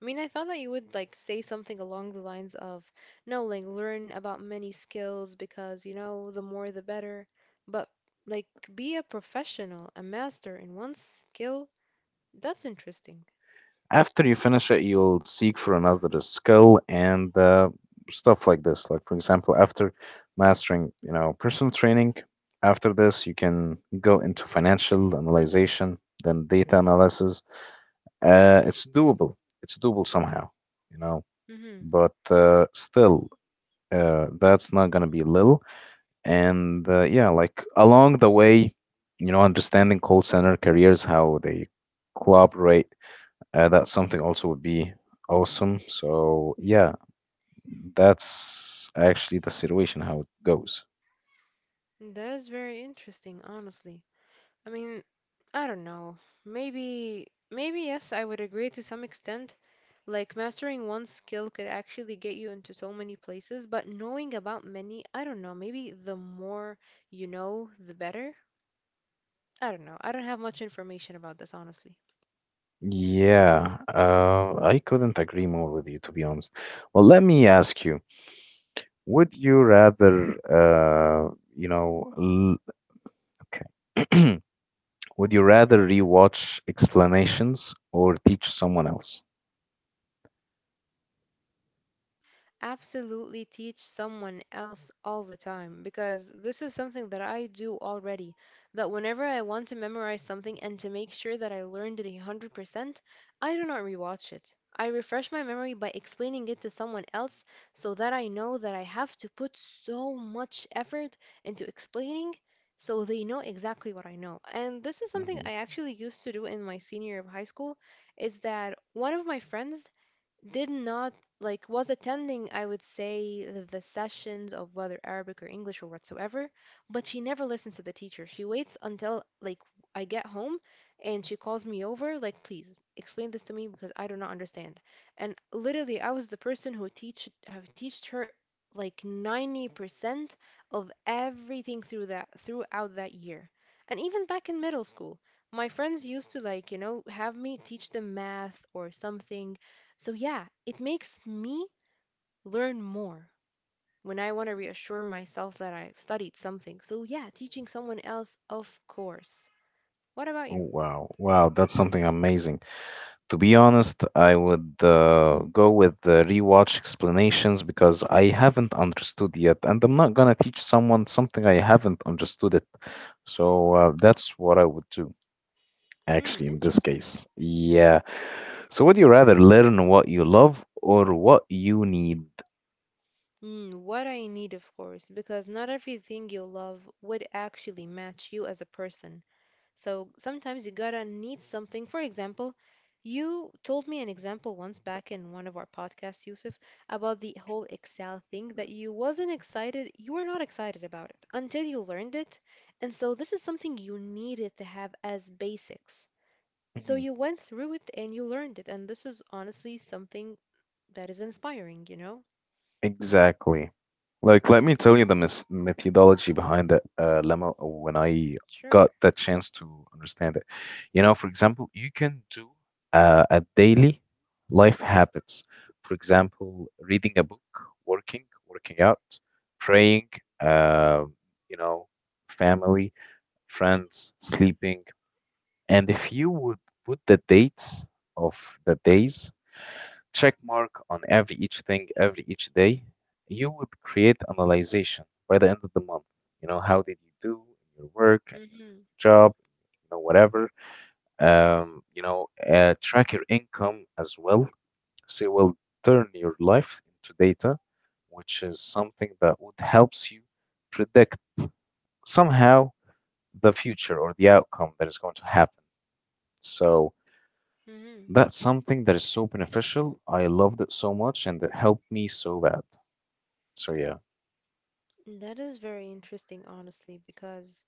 Speaker 2: I mean, I thought that you would like say something along the lines of, no, like learn about many skills because, you know, the more the better. But like be a professional, a master in one skill, that's interesting.
Speaker 1: After you finish it, you'll seek for another skill and stuff like this. Like, for example, after mastering, personal training, after this, you can go into financial analyzation, then data analysis. It's doable. It's doable somehow, you know,
Speaker 2: Mm-hmm.
Speaker 1: but still, that's not going to be little. And yeah, like along the way, understanding call center careers, how they collaborate, that's something also would be awesome. So yeah, that's actually the situation how it goes.
Speaker 2: That is very interesting, honestly. I mean, I don't know. Maybe yes, I would agree to some extent. Like mastering one skill could actually get you into so many places, but knowing about many, I don't know. Maybe the more you know, the better. I don't know. I don't have much information about this, honestly.
Speaker 1: Yeah, I couldn't agree more with you, to be honest. Well, let me ask you, would you rather you know l- okay, *clears throat* would you rather rewatch explanations or teach someone else?
Speaker 2: Absolutely teach someone else all the time because this is something that I do already. That whenever I want to memorize something and to make sure that I learned it 100%, I do not rewatch it. I refresh my memory by explaining it to someone else so that I know that I have to put so much effort into explaining so they know exactly what I know. And this is something
Speaker 1: Mm-hmm.
Speaker 2: I actually used to do in my senior year of high school is that one of my friends did not like was attending I would say, the sessions of whether Arabic or English or whatsoever, but she never listens to the teacher. She waits until like I get home, and she calls me over like, please explain this to me because I do not understand. And literally, I was the person who teached her like 90% of everything throughout that year. And even back in middle school, my friends used to, like, you know, have me teach them math or something. So, yeah, it makes me learn more when I want to reassure myself that I've studied something. So, yeah, teaching someone else, of course. What about you?
Speaker 1: Oh, wow. Wow, that's something amazing. To be honest, I would go with the rewatch explanations, because I haven't understood yet, and I'm not gonna teach someone something I haven't understood it. So that's what I would do,
Speaker 2: Hmm,
Speaker 1: actually, in this
Speaker 2: interesting.
Speaker 1: case. Yeah. So would you rather learn what you love or what you need?
Speaker 2: Hmm, what I need, of course, because not everything you love would actually match you as a person. So sometimes you gotta need something. For example, you told me an example once back in one of our podcasts, Yusuf, about the whole Excel thing that you wasn't excited, you were not excited about it until you learned it. And so this is something you needed to have as basics. So
Speaker 1: Mhm.
Speaker 2: you went through it and you learned it. And this is honestly something that is inspiring, you know?
Speaker 1: Exactly. Like, let me tell you
Speaker 2: Mhm.
Speaker 1: the methodology behind the lemma when I
Speaker 2: Sure.
Speaker 1: got the chance to understand it. For example, you can do a daily life habits. For example, reading a book, working out, praying, uh, you know, family, friends, sleeping. And if you would put the dates of the days check mark on every each thing every each day, you would create analyzation by the end of the month. How did you do in your work and your
Speaker 2: Mm-hmm.
Speaker 1: job, whatever. Track your income as well. So you will turn your life into data, which is something that would helps you predict somehow the future or the outcome that is going to happen. So
Speaker 2: Mm-hmm.
Speaker 1: that's something that is so beneficial. I loved it so much, and it helped me so bad. So yeah.
Speaker 2: That is very interesting, honestly, because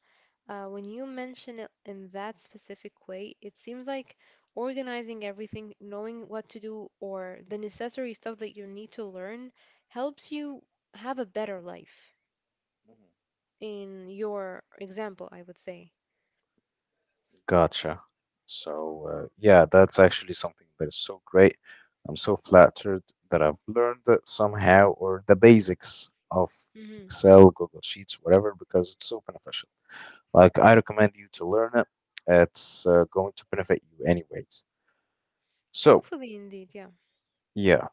Speaker 2: when you mention it in that specific way, it seems like organizing everything, knowing what to do, or the necessary stuff that you need to learn helps you have a better life,
Speaker 1: Mhm.
Speaker 2: in your example, I would say.
Speaker 1: Gotcha. So, yeah, that's actually something that is so great. I'm so flattered that I've learned it somehow, or the basics of
Speaker 2: hmm
Speaker 1: Excel, Google Sheets, whatever, because it's so beneficial. Like, I recommend you to learn it. It's going to benefit you anyways. So,
Speaker 2: Hopefully, indeed, yeah.
Speaker 1: yeah,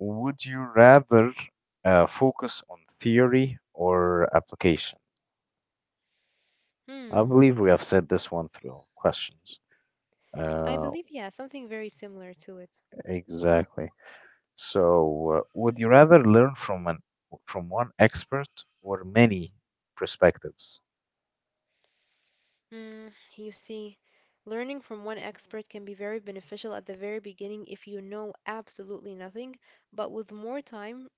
Speaker 1: would you rather focus on theory or application? I
Speaker 2: Hmm.
Speaker 1: believe we have said this one through our questions.
Speaker 2: I
Speaker 1: Uh,
Speaker 2: believe, yeah, something very similar to it.
Speaker 1: exactly. So, would you rather learn from an from one expert or many perspectives?
Speaker 2: Mm, you see, learning from one expert can be very beneficial at the very beginning if you know absolutely nothing, but with more time,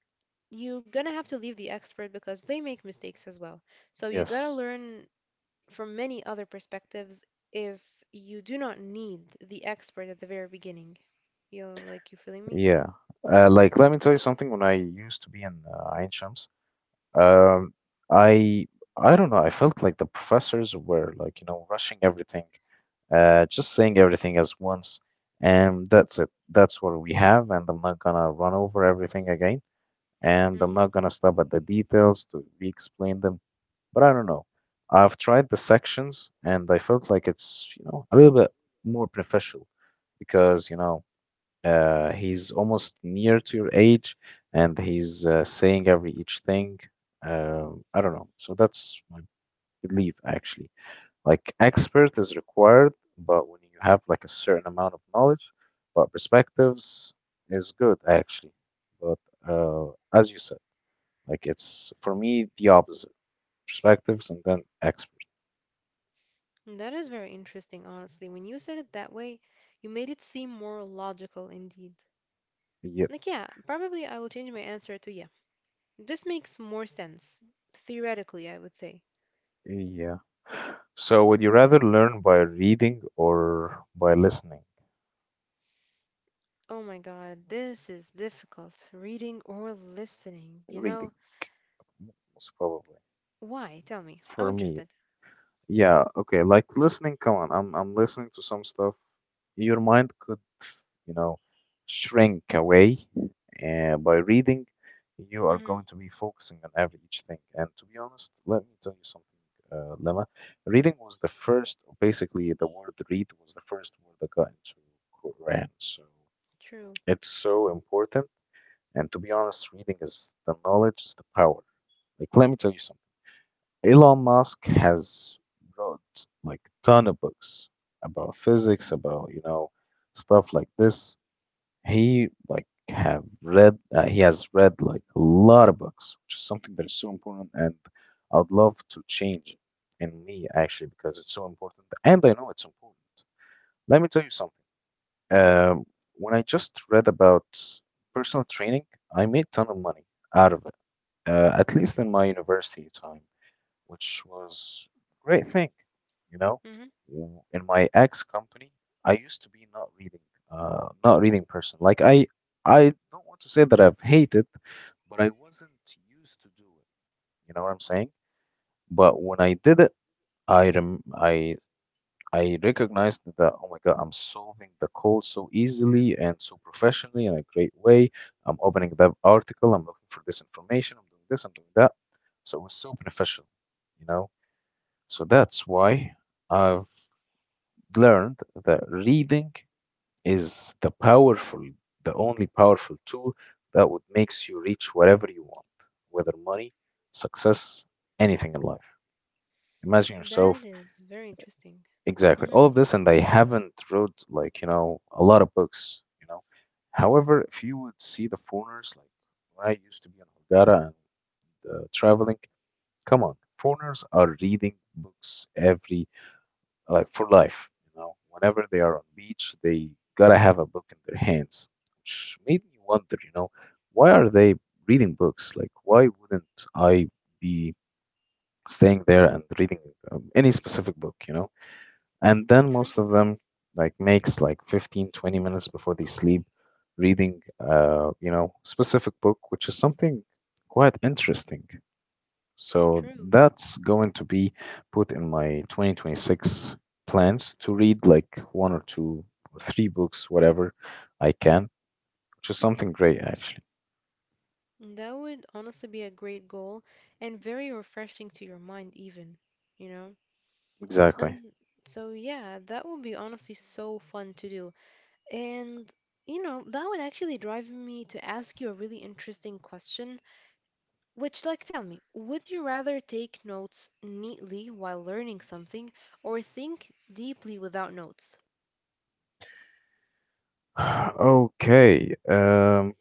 Speaker 2: you're gonna have to leave the expert because they make mistakes as well. So you gotta
Speaker 1: Yes.
Speaker 2: learn from many other perspectives if you do not need the expert at the very beginning. You like you feeling me?
Speaker 1: Yeah. Like, let me tell you something. When I used to be in Ain Shams, Um, I I don't know. I felt like the professors were like, you know, rushing everything, just saying everything as once, and that's it. That's what we have, and I'm not gonna run over everything again, and I'm not
Speaker 2: Mhm.
Speaker 1: gonna stop at the details to re-explain them. But I don't know. I've tried the sections, and I felt like it's, you know, a little bit more professional because, you know, he's almost near to your age, and he's saying every each thing. I don't know. So that's my belief, actually. Like expert is required, but when you have like a certain amount of knowledge, but perspectives is good actually. But uh, as you said, like it's for me the opposite perspectives and then expert.
Speaker 2: Mm, that is very interesting, honestly. When you said it that way, you made it seem more logical indeed.
Speaker 1: Yeah,
Speaker 2: Like, yeah, probably I will change my answer to yeah. This makes more sense, theoretically, I would say.
Speaker 1: yeah. So would you rather learn by reading or by listening?
Speaker 2: Oh my god, this is difficult. Reading or listening, you know?
Speaker 1: Reading. Most probably
Speaker 2: Why? Tell me. I'm
Speaker 1: for
Speaker 2: interested.
Speaker 1: me. Yeah, okay. Like listening, come on. I'm listening to some stuff. Your mind could, you know, shrink away. By reading, you are
Speaker 2: Mm-hmm.
Speaker 1: going to be focusing on every each thing. And to be honest, let me tell you something, Lemma. Reading was the first, basically, the word read was the first word that got into Quran. So
Speaker 2: True.
Speaker 1: it's so important. And to be honest, reading is the knowledge is the power. Like, let me tell you something. Elon Musk has wrote like ton of books about physics, about you know stuff like this. He like have read he has read like a lot of books, which is something that is so important, and I'd love to change it in me actually because it's so important, and I know it's important. Let me tell you something.
Speaker 2: Mm-hmm.
Speaker 1: Um, when I just read about personal training, I made ton of money out of it, at least in my university time which was great thing. You know,
Speaker 2: Mm-hmm.
Speaker 1: In my ex company, I used to be not reading, not reading person. I don't want to say that I've hated, but I wasn't used to do it. You know what I'm saying? But when I did it, I I recognized that oh my God, I'm solving the code so easily and so professionally in a great way. I'm opening that article. I'm looking for this information. I'm doing this. I'm doing that. So it was so beneficial, you know. So that's why I've learned that reading is the powerful, the only powerful tool that would makes you reach whatever you want, whether money, success, anything in life. Imagine
Speaker 2: That
Speaker 1: yourself
Speaker 2: is very interesting.
Speaker 1: exactly
Speaker 2: Mm-hmm.
Speaker 1: all of this, and I haven't read like you know a lot of books, you know. However, if you would see the foreigners, like when I used to be in Hurghada and traveling, come on, foreigners are reading books every like for life. You know, whenever they are on beach, they gotta have a book in their hands, which made me wonder, you know, why are they reading books? Like, why wouldn't I be staying there and reading any specific book, you know? And then most
Speaker 2: True.
Speaker 1: of them like makes like 15, 20 minutes before they sleep reading, you know, specific book, which is something quite interesting. So
Speaker 2: True.
Speaker 1: that's going to be put in my 2026 plans to read like one or two or three books, whatever I can, which is something great actually.
Speaker 2: That would honestly be a great goal and very refreshing to your mind, even, you know?
Speaker 1: Exactly.
Speaker 2: And so, yeah, that would be honestly so fun to do. And you know, that would actually drive me to ask you a really interesting question, which, like, tell me, would you rather take notes neatly while learning something or think deeply without notes?
Speaker 1: *sighs* Okay.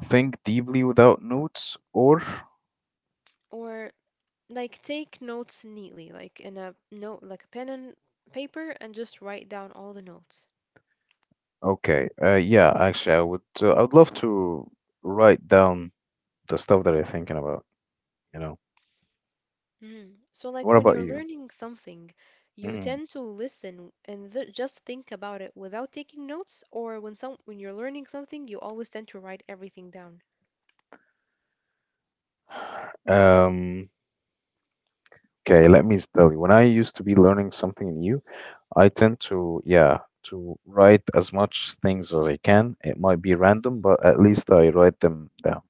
Speaker 1: Think deeply without notes, or
Speaker 2: Or like take notes neatly, like in a note, like a pen and paper, and just write down all the notes?
Speaker 1: okay. Yeah, actually, I would. I would love to write down the stuff that I'm thinking about. You know.
Speaker 2: Mm. So, like
Speaker 1: What
Speaker 2: when you're
Speaker 1: about you?
Speaker 2: learning something, you
Speaker 1: Mm.
Speaker 2: tend to listen and th just think about it without taking notes, or when you're learning something, you always tend to write everything down.
Speaker 1: Um. Okay. Let me tell you. When I used to be learning something new, I tend to, yeah, to write as much things as I can. It might be random, but at least I write them down.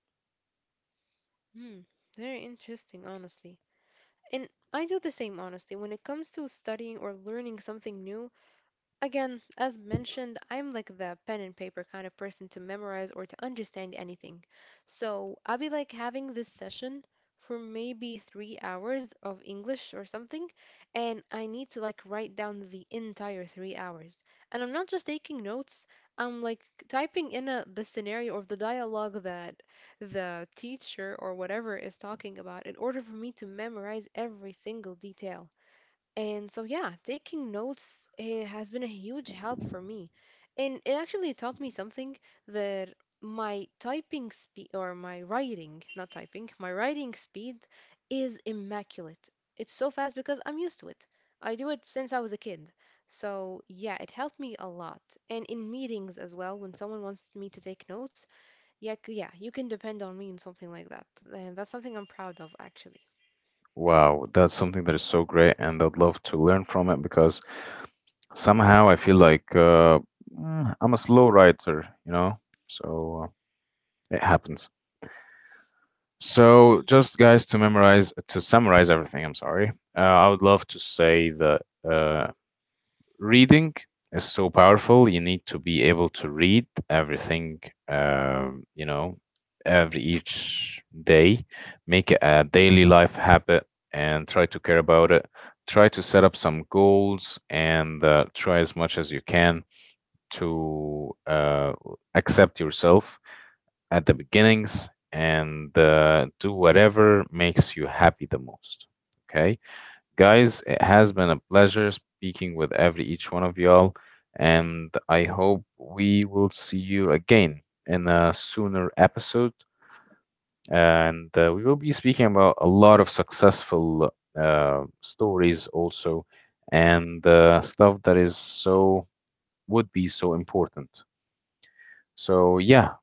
Speaker 2: Hmm, very interesting, honestly. And I do the same, honestly. When it comes to studying or learning something new, again, as mentioned, I'm like the pen and paper kind of person to memorize or to understand anything. So I'll be like having this session for maybe 3 hours of English or something, and I need to like write down the entire 3 hours. And I'm not just taking notes, I'm like typing in the scenario or the dialogue that the teacher or whatever is talking about in order for me to memorize every single detail. And so, yeah, taking notes has been a huge help for me. And it actually taught me something that my typing speed, or my writing, not typing, my writing speed is immaculate. It's so fast because I'm used to it. I do it since I was a kid. So, yeah, it helped me a lot. And in meetings as well, when someone wants me to take notes, yeah, yeah, you can depend on me in something like that. And that's something I'm proud of, actually.
Speaker 1: Wow, that's something that is so great, and I'd love to learn from it because somehow I feel like I'm a slow writer, you know? So it happens. So, just guys, to memorize, to summarize everything, I'm sorry, I would love to say that. Uh, reading is so powerful. You need to be able to read everything, you know, every each day. Make it a daily life habit and try to care about it. Try to set up some goals and try as much as you can to accept yourself at the beginnings and do whatever makes you happy the most. Okay. Guys, it has been a pleasure speaking with every each one of y'all, and I hope we will see you again in a sooner episode. And we will be speaking about a lot of successful stories also, and stuff that is so would be so important. So yeah,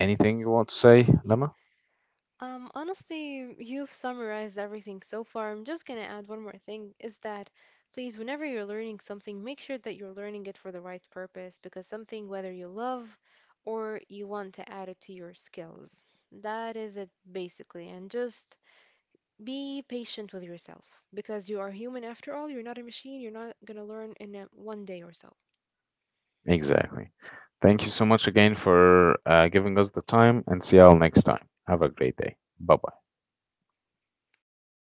Speaker 1: anything you want to say, Lema?
Speaker 2: Honestly, you've summarized everything so far. I'm just gonna add one more thing is that please, whenever you're learning something, make sure that you're learning it for the right purpose because something, whether you love or you want to add it to your skills, that is it basically. And just be patient with yourself because you are human after all. You're not a machine. You're not gonna learn in one day or so.
Speaker 1: Exactly. Thank you so much again for giving us the time, and see y'all next time. Have a great day. Bye bye.